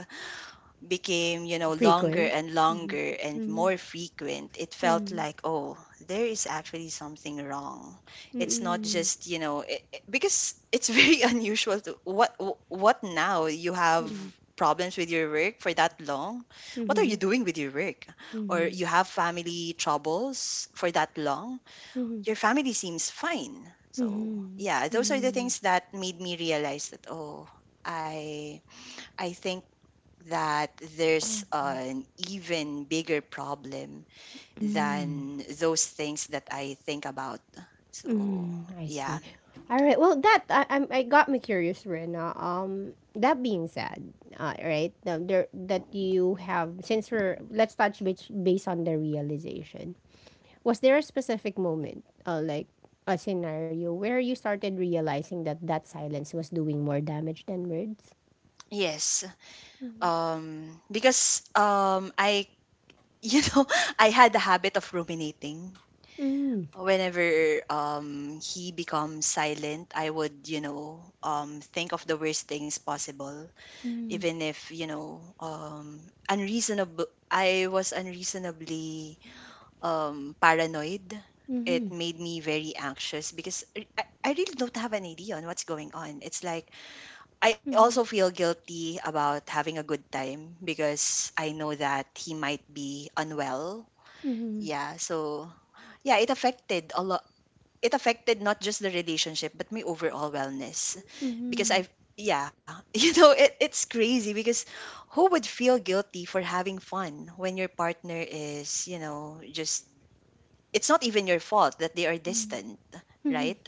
B: became, you know, longer
A: Frequent?
B: and longer and
A: Mhm,
B: more frequent, it felt
A: mhm,
B: like, oh, there is actually something wrong.
A: mm,
B: It's not
A: mm,
B: just, you know, it- because it's very unusual. What, now you have
A: mhm,
B: problems with your work for that long? What are you
A: mhm,
B: doing with your work? Or you have family troubles for that long?
A: mhm,
B: Your family seems fine. So,
A: mhm,
B: yeah, those are the
A: mhm.
B: things that made me realize that, oh, I I think that there's
A: Oh,
B: an even bigger problem
A: mm,
B: than those things that I think about. So,
A: I see.
B: yeah.
A: Alright, well, that I got me curious, Rena. That being said, right, the, there that you have since we're let's touch base based on the realization. Was there a specific moment, like a scenario, where you started realizing that silence was doing more damage than words?
B: Yes. Because I you know, I had the habit of ruminating.
A: Mm.
B: Whenever he becomes silent, I would, you know, think of the worst things possible,
A: Mm.
B: even if, you know, unreasonable, I was unreasonably paranoid.
A: Mm-hmm.
B: It made me very anxious because I, I really don't have an idea on what's going on. It's like I also
A: Mm-hmm.
B: feel guilty about having a good time because I know that he might be unwell.
A: Mm-hmm.
B: Yeah, so yeah, it affected a lot. It affected not just the relationship but my overall wellness, because
A: Mm-hmm.
B: I, yeah. You know, it, it's crazy because who would feel guilty for having fun when your partner is, you know, just, it's not even your fault that they are
A: Mm-hmm.
B: distant,
A: Mm-hmm.
B: right?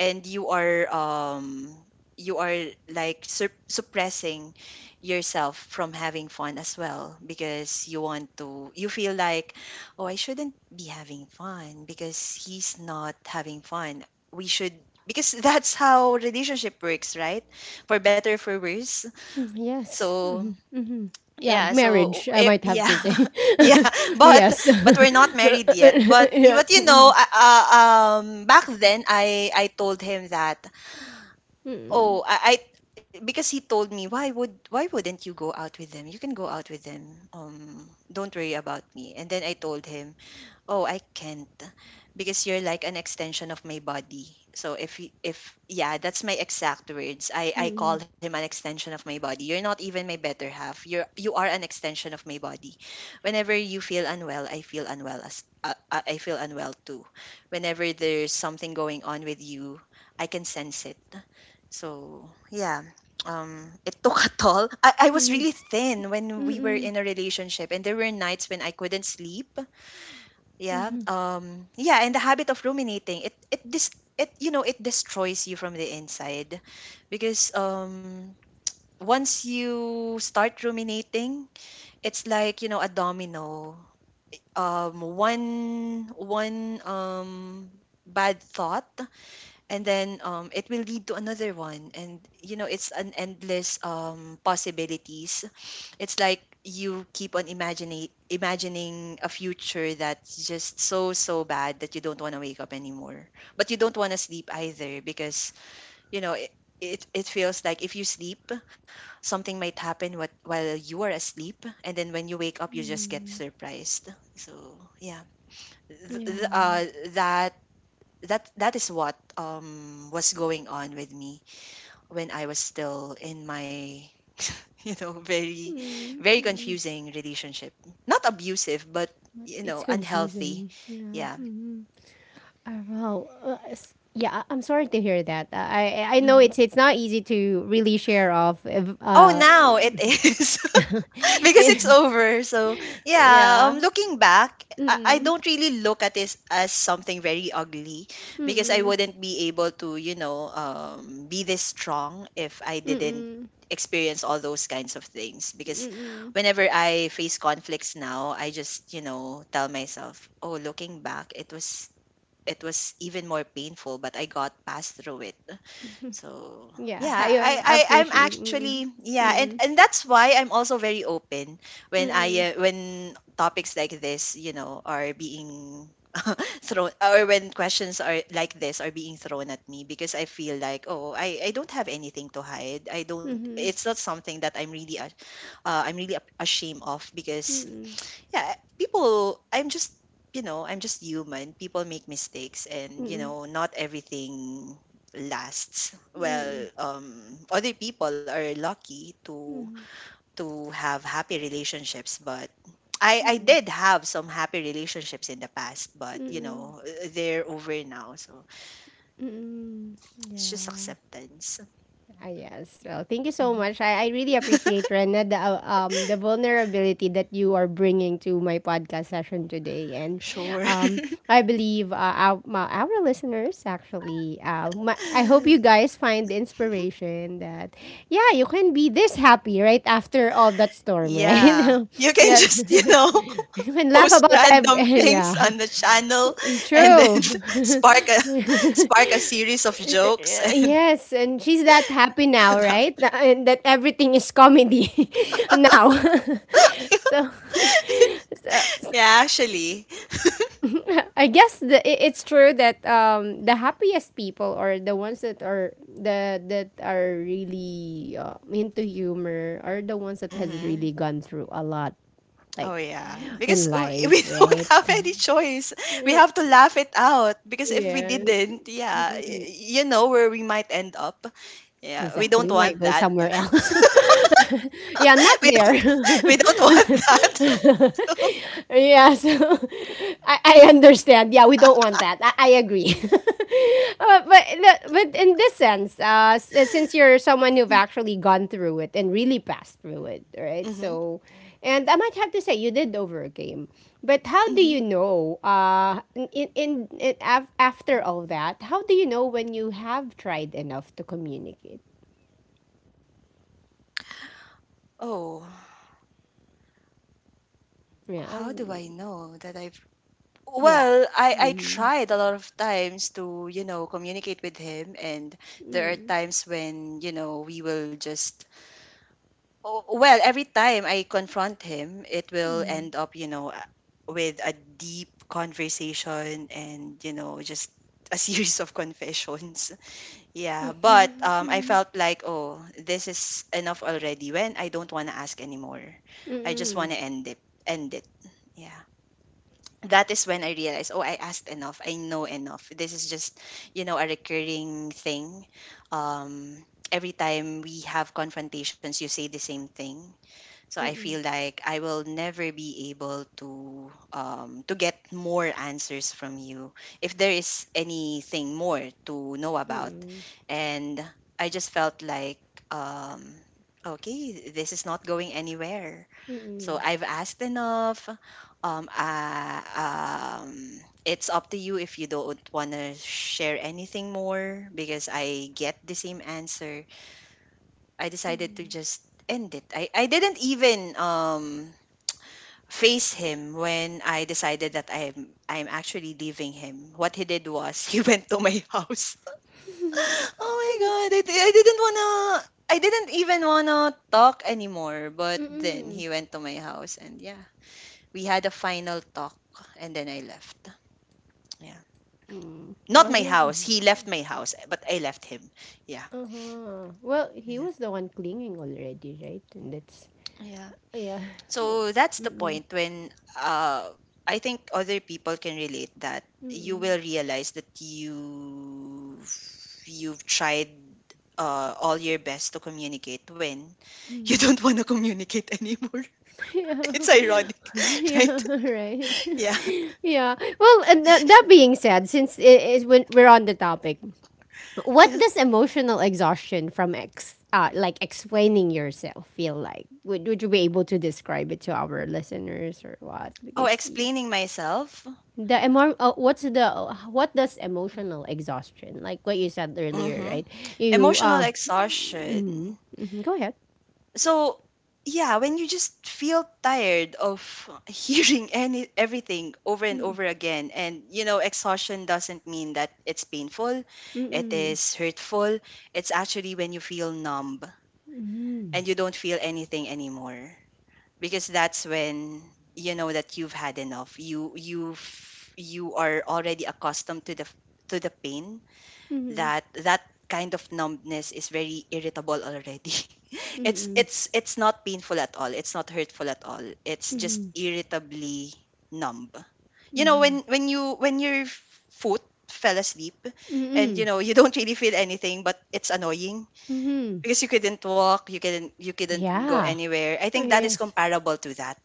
B: And you are like sup- suppressing yourself from having fun as well, because you want to, you feel like, oh, I shouldn't be having fun because he's not having fun. We should, because that's how relationship works, right? For better, for worse.
A: Yes.
B: So
A: Mm-hmm. Mm-hmm. Yeah,
B: yeah, so
A: marriage, I
B: it,
A: might have
B: yeah.
A: to say.
B: Yeah. but
A: Yes. Yes.
B: but we're not married yet. But y- but you know, back then, I told him that,
A: Mhm.
B: oh, I, because he told me, why would, why wouldn't you go out with them? You can go out with them. Don't worry about me. And then I told him, oh, I can't, because you're like an extension of my body. So if y- if, yeah, that's my exact words. I call
A: Mm-mm.
B: him an extension of my body. You're not even my better half. You're, you are an extension of my body. Whenever you feel unwell, I feel unwell as I feel unwell too. Whenever there's something going on with you, I can sense it. So, yeah. It took a toll. I was
A: Mm-mm.
B: really thin
A: Mm-mm.
B: when we were
A: Mm-mm.
B: in a relationship, and there were nights when I couldn't sleep. Yeah.
A: Mm-mm.
B: Yeah, and the habit of ruminating, it dis- it, you know, it destroys you from the inside because once you start ruminating, it's like, you know, a domino. One, one bad thought, and then it will lead to another one, and you know, it's an endless possibilities. It's like you keep on imagining a future that's just so, so bad that you don't want to wake up anymore. But you don't want to sleep either because you know it, it, it feels like if you sleep, something might happen what while you are asleep, and then when you wake up, you just get
A: Mm-mm.
B: surprised. So yeah. Th- th-
A: Yeah.
B: uh, that, that is what was going on with me when I was still in my, you know, very, very
A: Mm-mm.
B: confusing relationship. Not abusive, but,
A: But
B: you
A: it's
B: know, unhealthy.
A: confusing. Yeah.
B: Yeah.
A: Mhm. Well, yeah, I'm sorry to hear that. I I know
B: Hmm.
A: it's not easy to really share off if,
B: Oh,
A: uh.
B: now it is. Because it's
A: eh,
B: over. So yeah,
A: yeah.
B: looking back, I
A: Mm-mm.
B: don't really look at this as something very ugly, because I
A: Mm-mm.
B: wouldn't be able to, you know, be this strong if I didn't
A: Mm-mm.
B: experience all those kinds of things. Because
A: Mm-mm.
B: whenever I face conflicts now, I just, you know, tell myself, oh, looking back, it was, it was even more painful, but I got past through it. So
A: Yeah,
B: yeah,
A: I
B: I I'm
A: appreciate. Mm-mm.
B: actually, yeah, and that's why I'm also very open when
A: Mm-mm.
B: I when topics like this, you know, are being thrown, or when questions are like this are being thrown at me, because I feel like, oh, I don't have anything to hide. I don't.
A: Mm-mm.
B: It's not something that I'm really a- ashamed of, because
A: Mm-hmm.
B: yeah, people, I'm just, you know, I'm just human. People make mistakes, and, you
A: Mm-mm.
B: know, not everything lasts.
A: Mm-mm.
B: Well, other people are lucky
A: Mm-mm.
B: to have happy relationships, but I
A: Mm-mm.
B: I
A: Mm-mm.
B: did have some happy relationships in the past, but, you
A: Mm-mm.
B: know, they're over now. So,
A: Mm-mm.
B: it's just
A: Yeah.
B: acceptance.
A: Ah, yes. Well, thank you
B: Hmm.
A: so much. I really appreciate, Rena, the vulnerability that you are bringing to my podcast session today. And
B: Sure.
A: um I believe our listeners actually I hope you guys find the inspiration that yeah, you can be this happy right after all that storm, right?
B: Yeah. You can
A: Yes.
B: just, you know,
A: You can laugh
B: post
A: about that.
B: random things
A: Yeah,
B: on the channel, and
A: true.
B: then spark a, spark a series of jokes and
A: Yes, and she's that happy now, right?
B: laughter.
A: And that everything is comedy now. so, so
B: Yeah, actually.
A: I guess it's true that the happiest people, or the ones that are the that are really into humor, are the ones that has
B: Hmm.
A: really gone through a lot, like
B: Oh yeah,
A: in
B: because w-
A: life,
B: we don't
A: right?
B: have any choice. We
A: Re-
B: have to laugh it out, because if we
A: Yeah.
B: didn't, yeah, y- you know where we might end up. Yeah, we don't
A: Exactly. We
B: want
A: might go
B: that.
A: somewhere else. Yeah, not
B: We
A: there.
B: don't. We don't want that.
A: Yeah, so. I understand. Yeah, we don't want that. I agree. But but in this sense, since you're someone who've actually gone through it and really passed through it, right?
B: Hmm.
A: So, and I might have to say you did over a game. But how do
B: Hmm.
A: you know? In after all that, how do you know when you have tried enough to communicate?
B: Oh.
A: Yeah.
B: How do I know that I've,
A: Yeah.
B: well, I
A: Mm.
B: tried a lot of times to, you know, communicate with him, and there are
A: Mm.
B: times when, you know, we will just, oh, well, every time I confront him, it will
A: Mm.
B: end up, you know, with a deep conversation and, you know, just a series of confessions. Yeah, but
A: Okay.
B: I
A: Mm.
B: felt like, oh, this is enough already, when I don't want to ask anymore.
A: Mm.
B: I just
A: Mm.
B: want to end it. End it. Yeah, that is when I realized, oh, I asked enough. I know enough. This is just, you know, a recurring thing. Um, every time we have confrontations, you say the same thing. So I feel
A: Mm.
B: like I will never be able to get more answers from you if there is anything more to know about. And I just felt like, um, okay, this is not going anywhere. So
A: Mm.
B: I've asked enough. Um, uh, um, it's up to you if you don't want to share anything more because I get the same answer. I
A: Mm.
B: decided to
A: Mm.
B: just end it. I didn't even face him when I decided that I'm actually leaving him. What he did was he went to my house. Oh my god! I didn't wanna. I didn't even wanna talk anymore. But then
A: Mm.
B: he went to my house, and yeah, we had a final talk and then I left. Yeah. Not
A: Well,
B: my
A: he.
B: house. He left my house, but I left him. Yeah.
A: Uh-huh. Well, he
B: Yeah.
A: was the one clinging already, right? And that's
B: Yeah.
A: yeah. Oh.
B: So that's the
A: Mm-mm.
B: point when uh I think other people can relate that you
A: Mm-mm.
B: will realize that you've tried all your best to communicate when you
A: Mm.
B: don't want to communicate anymore.
A: Yeah.
B: It's ironic, right?
A: Yeah, right.
B: Yeah.
A: Yeah. Well, and that, that being said, since it is when we're on the topic, what
B: Yeah.
A: does emotional exhaustion from like explaining yourself feel like? Would you be able to describe it to our listeners, or what?
B: Oh,
A: Because yeah.
B: explaining myself.
A: the emo- what's the What does emotional exhaustion like? What you said earlier,
B: Mhm.
A: right? You
B: Emotional
A: mm,
B: exhaustion.
A: mm, go ahead.
B: So, yeah, when you just feel tired of hearing any everything over and
A: Mm,
B: over again and, you know, exhaustion doesn't mean that it's painful,
A: mm,
B: it
A: mm,
B: is hurtful. It's actually when you feel numb and you don't feel anything anymore because that's when you know that you've had enough. You are already accustomed to the to the pain
A: mm,
B: that that kind of numbness is very irritable already. it's
A: mm,
B: it's it's not painful at all. It's not hurtful at all. It's just irritably numb. You know
A: mm,
B: when you when your foot fell asleep
A: mm,
B: and you
A: mm,
B: know you don't really feel anything but it's annoying
A: mm.
B: because you couldn't walk, you couldn't go
A: Yeah.
B: anywhere. I
A: Oh,
B: think that is
A: yes.
B: comparable to that.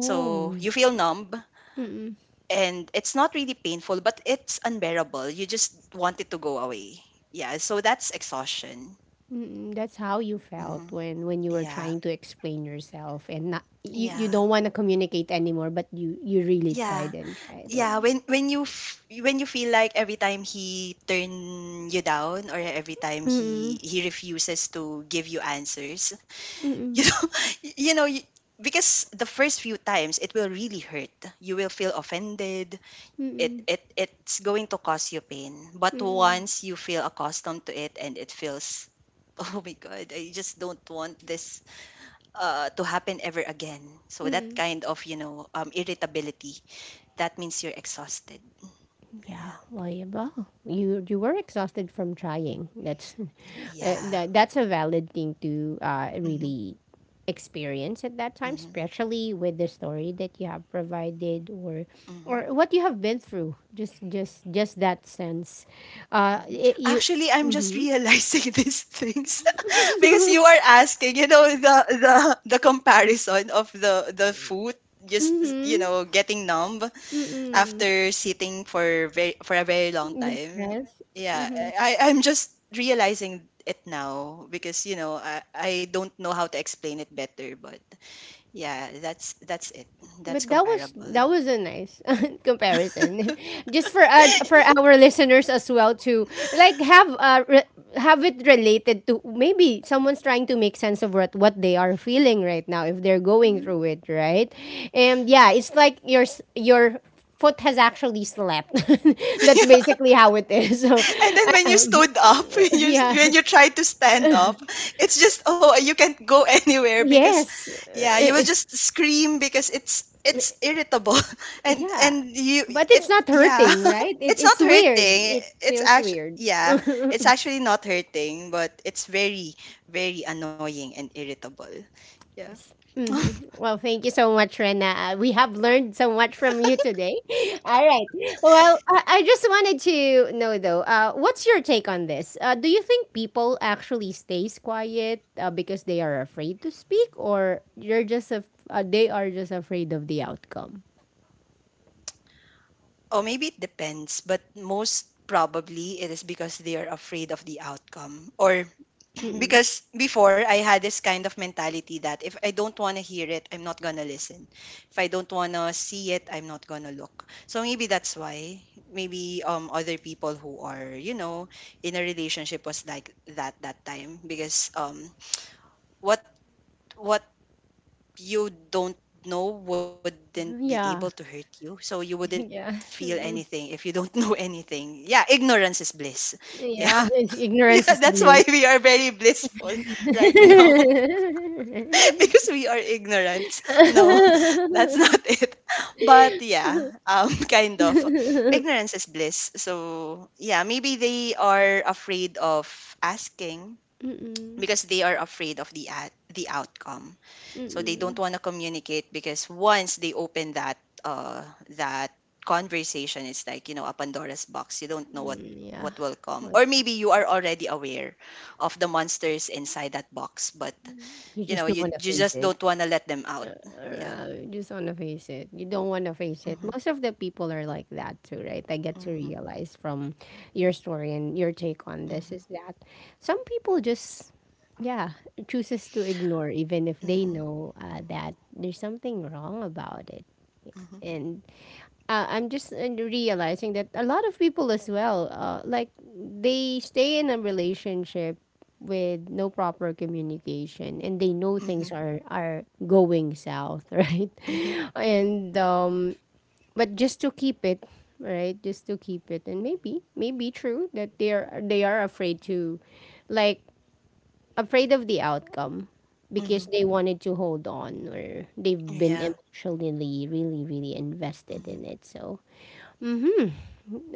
B: So you feel numb
A: Mm-mm.
B: and it's not really painful, but it's unbearable. You just want it to go away. Yeah, so that's exhaustion.
A: Mm, that's how you felt
B: Hmm.
A: when you were
B: Yeah,
A: trying to explain yourself, and not you, you
B: yeah,
A: don't want to communicate anymore, but you really
B: yeah,
A: tried and tried. Oh.
B: yeah. When when you feel like every time he turn you down or every time
A: Mm-mm.
B: he refuses to give you answers, you
A: Mm-mm.
B: know, you know, you, because the first few times it will really hurt. You will feel offended it
A: Mm-mm.
B: it it's going to cause you pain. But
A: Mm-mm.
B: once you feel accustomed to it and it feels oh my god, I just don't want this to happen ever again. So that
A: Mm-mm.
B: kind of, you know, um, irritability, that means you're exhausted.
A: Yeah,
B: Yeah.
A: why well, you were exhausted from trying. That's
B: Yeah.
A: that's a valid thing to
B: Mhm.
A: really experience at that time,
B: Mhm.
A: especially with the story that you have provided,
B: Mhm.
A: or what you have been through. Just just that sense.
B: Mhm.
A: It, you.
B: Actually, I'm just
A: Mhm.
B: realizing these things because you are asking, you know, the the comparison of the food just, you
A: mhm.
B: know, getting numb
A: Mhm.
B: after sitting for very, for a very long time.
A: Yes.
B: Yeah,
A: Mhm.
B: I'm just realizing it now because you know I don't know how to explain it better but yeah that's it, that's
A: But that was,
B: comparable.
A: that was a nice comparison, just for our listeners as well, to like have have it related to maybe someone's trying to make sense of what they are feeling right now if they're going
B: Mhm.
A: through it, right? And yeah, it's like your your foot has actually slept. That's basically how it is. So,
B: And then
A: uh,
B: when you
A: um,
B: stood up, when you
A: yeah,
B: when you tried to stand up, it's just oh you can't go anywhere because
A: yes.
B: yeah, you will just scream because it's irritable
A: Yeah.
B: and you
A: But
B: it
A: it's not
B: Yeah.
A: hurting, right?
B: It's
A: It's
B: not
A: weird.
B: hurting.
A: It
B: It's
A: feels
B: actually
A: weird.
B: yeah, it's actually not hurting, but it's very very annoying and irritable. Yeah.
A: Yes. hmm Well, thank you so much, Rena. We have learned so much from you today. All right. Well, I just wanted to know, though, what's your take on this? Do you think people actually stays quiet because they are afraid to speak, or they are just afraid of the outcome?
B: Or maybe it depends, but most probably it is because they are afraid of the outcome or
A: Mm-mm.
B: because before I had this kind of mentality that if I don't want to hear it, I'm not going to listen. If I don't want to see it, I'm not going to look. So maybe that's why maybe um, other people who are, you know, in a relationship was like that that time because um, what what you don't know wouldn't be able
A: Yeah.
B: to hurt you. So you wouldn't
A: Yeah.
B: feel
A: Mm-mm.
B: anything if you don't know anything. Yeah, ignorance is bliss. Yeah.
A: Yeah. Ignorance
B: Yeah,
A: is
B: that's why
A: bliss.
B: we are very blissful right now.
A: Mm-mm.
B: Because we are ignorant. No, that's not it. But yeah, kind of. Ignorance is bliss. So yeah, maybe they are afraid of asking because they are afraid of the at the outcome. So they
A: Mm-mm.
B: don't
A: Mm,
B: want to communicate because once they open that uh that conversation, it's like, you know, a Pandora's box. You don't know
A: yeah.
B: what will come,
A: What?
B: or maybe you are already aware of the monsters inside that box but,
A: You
B: you
A: just
B: know,
A: don't
B: you
A: want to
B: you
A: face
B: just
A: it.
B: don't wanna let them out. Yeah.
A: You just want to face it. You don't want to face it.
B: Mhm,
A: Most of the people are like that too, right? I get to
B: mhm,
A: realize from your story, and your take on this
B: mhm,
A: is that some people just, yeah, chooses to ignore, even if they
B: mhm,
A: know that there's something wrong about it.
B: mhm,
A: And I'm just realizing that a lot of people as well, like they stay in a relationship with no proper communication, and they know things
B: mhm,
A: are going south, right?
B: mhm,
A: And but just to keep it, right, just to keep it, and maybe maybe true that they are afraid to, like, afraid of the outcome, because
B: mhm.
A: they wanted to hold on, or they've been
B: Yeah.
A: emotionally really really invested in
B: Mhm.
A: it, so. Mhm.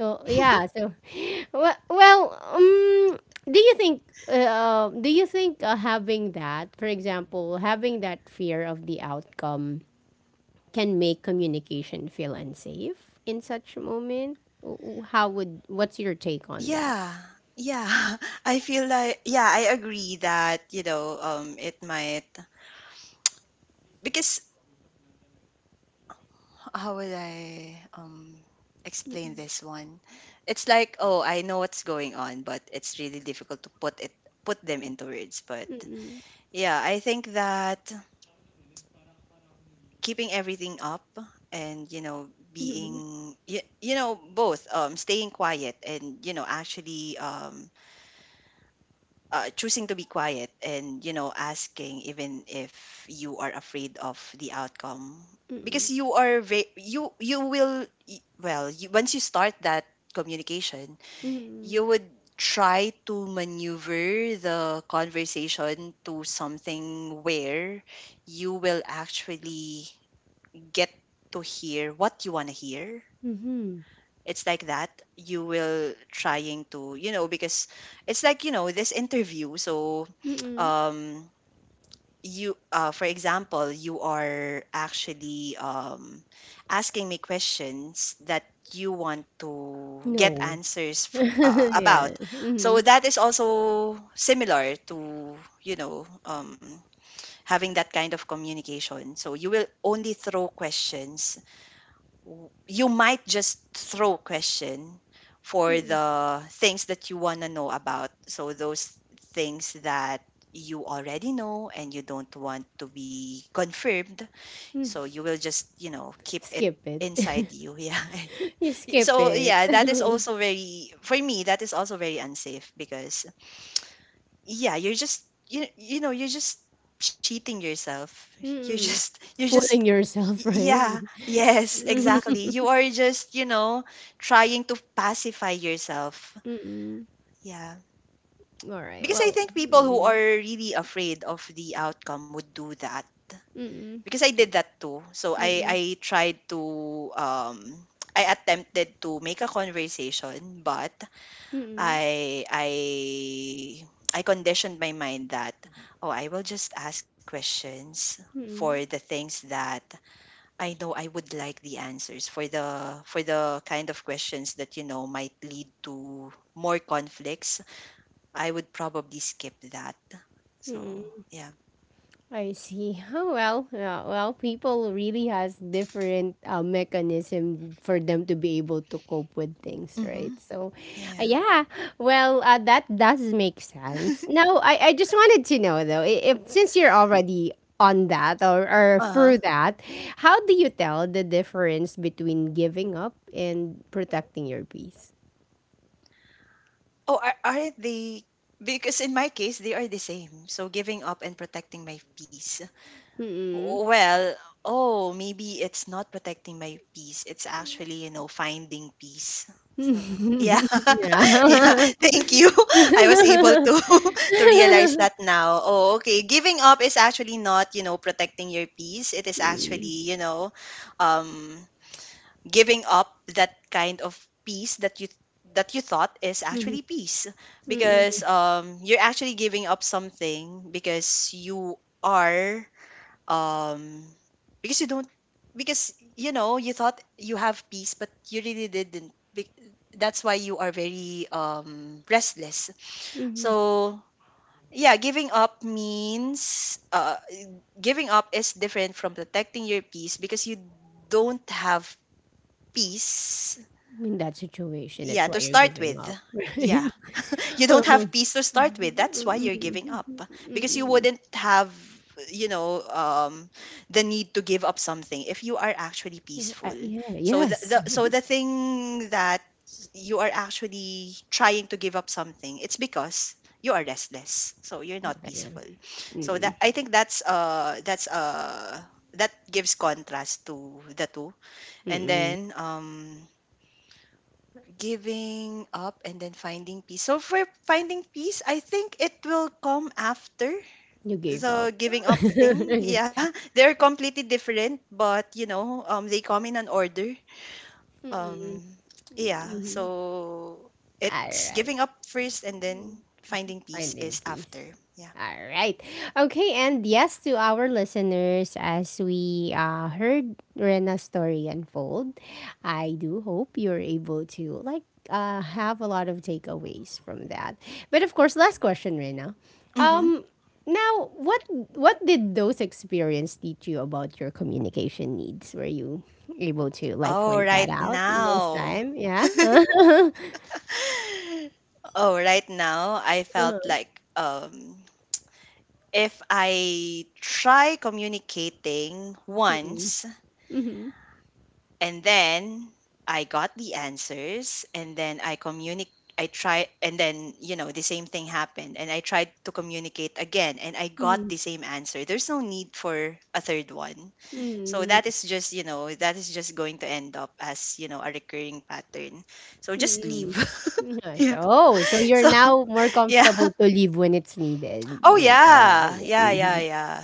A: Oh, yeah. So, well, well, um, do you think having that, for example, having that fear of the outcome can make communication feel unsafe in such moment? What's your take on that?
B: Yeah. Yeah. I feel like yeah, I agree that, you know, um, it might because how would I um, explain this one? It's like, oh, I know what's going on, but it's really difficult to put it put them into words. But
A: Mm-mm.
B: yeah, I think that keeping everything up and, you know,
A: Mm-mm.
B: being you, you know, both um, staying quiet and you know actually choosing to be quiet and you know asking even if you are afraid of the outcome
A: Mm-mm.
B: because you you will y- well you, once you start that communication
A: Mm-mm.
B: you would try to maneuver the conversation to something where you will actually get to hear what you want to hear.
A: Mm-mm.
B: It's like that. You will trying to, you know, because it's like, you know, this interview. So,
A: Mm-mm.
B: um, you, for example, you are actually asking me questions that you want to get
A: No.
B: answers about.
A: Yeah.
B: So
A: Mm-mm.
B: that is also similar to, you know, having that kind of communication. So you will only throw questions you might just throw question for
A: Mm-mm.
B: the things that you want to know about so those things that you already know and you don't want to be confirmed so you will just, you know, keep it
A: Skip it.
B: inside you yeah
A: You skip
B: so
A: it.
B: yeah that is also very for me that is also very unsafe because yeah you're just you know you're just cheating yourself, you're
A: Mm.
B: just you're just
A: Fooling
B: Y-
A: yourself, right?
B: Yeah, yes,
A: Mhm.
B: exactly. You are just, you know, trying to pacify yourself.
A: Mm.
B: Yeah.
A: Alright,
B: Because I
A: well,
B: think people who are
A: mm,
B: really afraid of the outcome would do that.
A: mm,
B: Because I did that too. So
A: mm,
B: I
A: mm,
B: I tried to um, I attempted to make a conversation, but
A: mm,
B: I I I conditioned my mind that oh, I will just ask questions for
A: mm,
B: the things that I know I would like the answers for the kind of questions that you know might lead to more conflicts. I would probably skip that. So
A: mm.
B: yeah,
A: I see. Oh well, yeah, well, people really has different mechanism for them to be able to cope with things, right?
B: mm-hmm.
A: So,
B: Yeah.
A: yeah, well, that does make sense. Now, I just wanted to know though, if since you're already on that, or
B: Uh-huh.
A: through that, how do you tell the difference between giving up and protecting your peace?
B: Oh, are they? Because in my case, they are the same. So giving up and protecting my peace.
A: Mm-mm.
B: Well, oh, maybe it's not protecting my peace. It's actually, you know, finding peace. So, yeah. Yeah.
A: Yeah.
B: Thank you. I was able to to realize that now. Oh, okay. Giving up is actually not, you know, protecting your peace. It is actually, you know, um, giving up that kind of peace that you thought is
A: Mm.
B: actually peace because
A: Mm,
B: um, you're actually giving up something because you are um, because you don't because you know you thought you have peace but you really didn't. That's why you are very um, restless
A: mhm.
B: so yeah giving up means giving up is different from protecting your peace because you don't have peace
A: In that situation,
B: yeah
A: that's why
B: to
A: you're
B: start
A: giving
B: with,
A: up, right?
B: yeah you don't
A: Uh-huh.
B: have peace to start with that's why
A: Mm,
B: you're
A: mhm,
B: giving
A: mhm,
B: up because you
A: mhm.
B: wouldn't have, you know, um, the need to give up something if you are actually peaceful
A: Yeah,
B: so
A: yes.
B: the so the thing that you are actually trying to give up something it's because you are restless so you're not
A: Definitely.
B: peaceful so that
A: Mm,
B: I think that's that gives contrast to the two and
A: mm.
B: then um, giving up and then finding peace. So for finding peace, I think it will come after
A: You gave up.
B: the giving up thing. Yeah, they're completely different, but you know, they come in an order. Um, yeah, so
A: All
B: it's
A: right.
B: giving up first and then finding peace
A: Finding
B: is
A: peace.
B: after. Yeah.
A: All right. Okay, and yes, to our listeners, as we heard Rena's story unfold, I do hope you're able to like have a lot of takeaways from that. But of course, last question, Rena.
B: Mm-hmm.
A: Um, Now, what did those experiences teach you about your communication needs? Were you able to like
B: Oh,
A: point
B: right
A: that out in those
B: now.
A: time? Yeah.
B: Oh, right now I felt
A: Uh-huh.
B: like um, if I try communicating
A: Mm-mm.
B: once
A: Mm-hmm.
B: and then I got the answers and then I communicate I try and then you know the same thing happened and I tried to communicate again and I got
A: Mm-hmm.
B: the same answer. There's no need for a third one. So that
A: Mm-hmm.
B: is just, you know, that is just going to end up as, you know, a recurring pattern. So just leave.
A: Mm. Yeah, so
B: Yeah.
A: oh, so you're
B: So,
A: now more
B: yeah.
A: comfortable to leave when it's needed.
B: Oh yeah.
A: Yeah,
B: Yeah, yeah,
A: mhm.
B: yeah.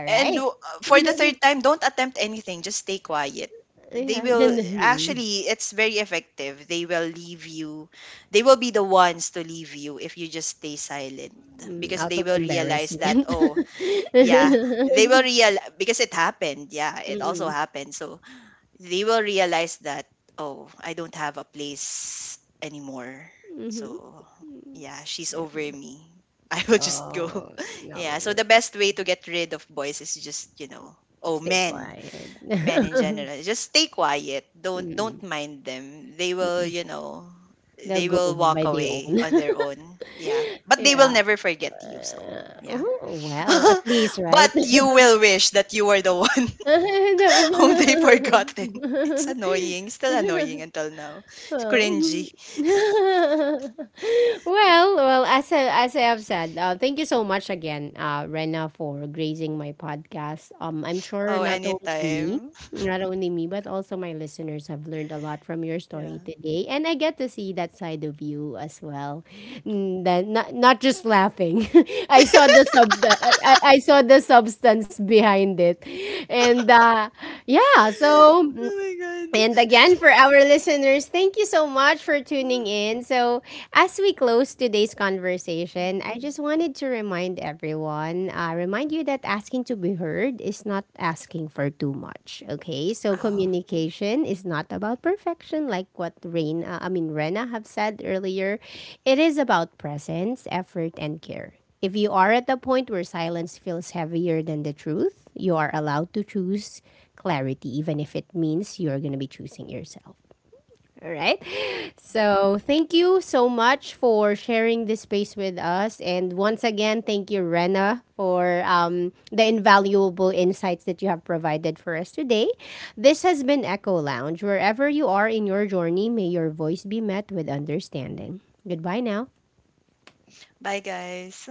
B: And for the third time, don't attempt anything. Just stay quiet. They
A: Yeah,
B: will
A: then mm,
B: actually, it's very effective. They will leave you. They will be the ones to leave you if you just stay silent
A: mm,
B: because
A: out
B: they
A: of
B: will realize that,
A: embarrassment.
B: oh, yeah, they will realize because it happened. Yeah, it also
A: Mm,
B: happened. So they will realize that oh, I don't have a place anymore
A: mhm.
B: so
A: Mm.
B: yeah she's
A: Yeah.
B: over me I will just go.
A: Oh,
B: Yeah, so
A: no.
B: the best way to get rid of boys is just, you know, oh
A: Stay
B: men,
A: quiet.
B: men in general just stay quiet, don't
A: Mm.
B: mind them they will you know
A: They'll
B: they
A: go
B: will walk
A: by their
B: away
A: own.
B: on their own yeah but they will
A: Yeah.
B: never forget you so yeah
A: Oh, well, at least,
B: but
A: right?
B: you will wish that you were the one.
A: 对。不？
B: Home they forgotten. It's annoying. Still annoying until now. It's
A: Oh.
B: cringy.
A: Well, well, as I have said, thank you so much again, Rena, for gracing my podcast. I'm sure
B: Oh, anytime.
A: not only me, but also my listeners have learned a lot from your
B: Yeah.
A: story today, and I get to see that side of you as well. Mm, that not, not just laughing. I saw the sub. I saw the substance behind it, and yeah. So
B: Oh my god.
A: and again, for our listeners, thank you so much for tuning in. So, as we close today's conversation, I
B: Mhm.
A: just wanted to remind everyone, remind you that asking to be heard is not asking for too much. Okay, so
B: Oh.
A: communication is not about perfection, like what Rain, I mean Rena, have said earlier. It is about presence, effort, and care. If you are at the point where silence feels heavier than the truth, you are allowed to choose clarity, even if it means you're going to be choosing yourself. All right. So, thank you so much for sharing this space with us. And once again, thank you, Rena, for the invaluable insights that you have provided for us today. This has been Echo Lounge. Wherever you are in your journey, may your voice be met with understanding. Goodbye now.
B: Bye guys.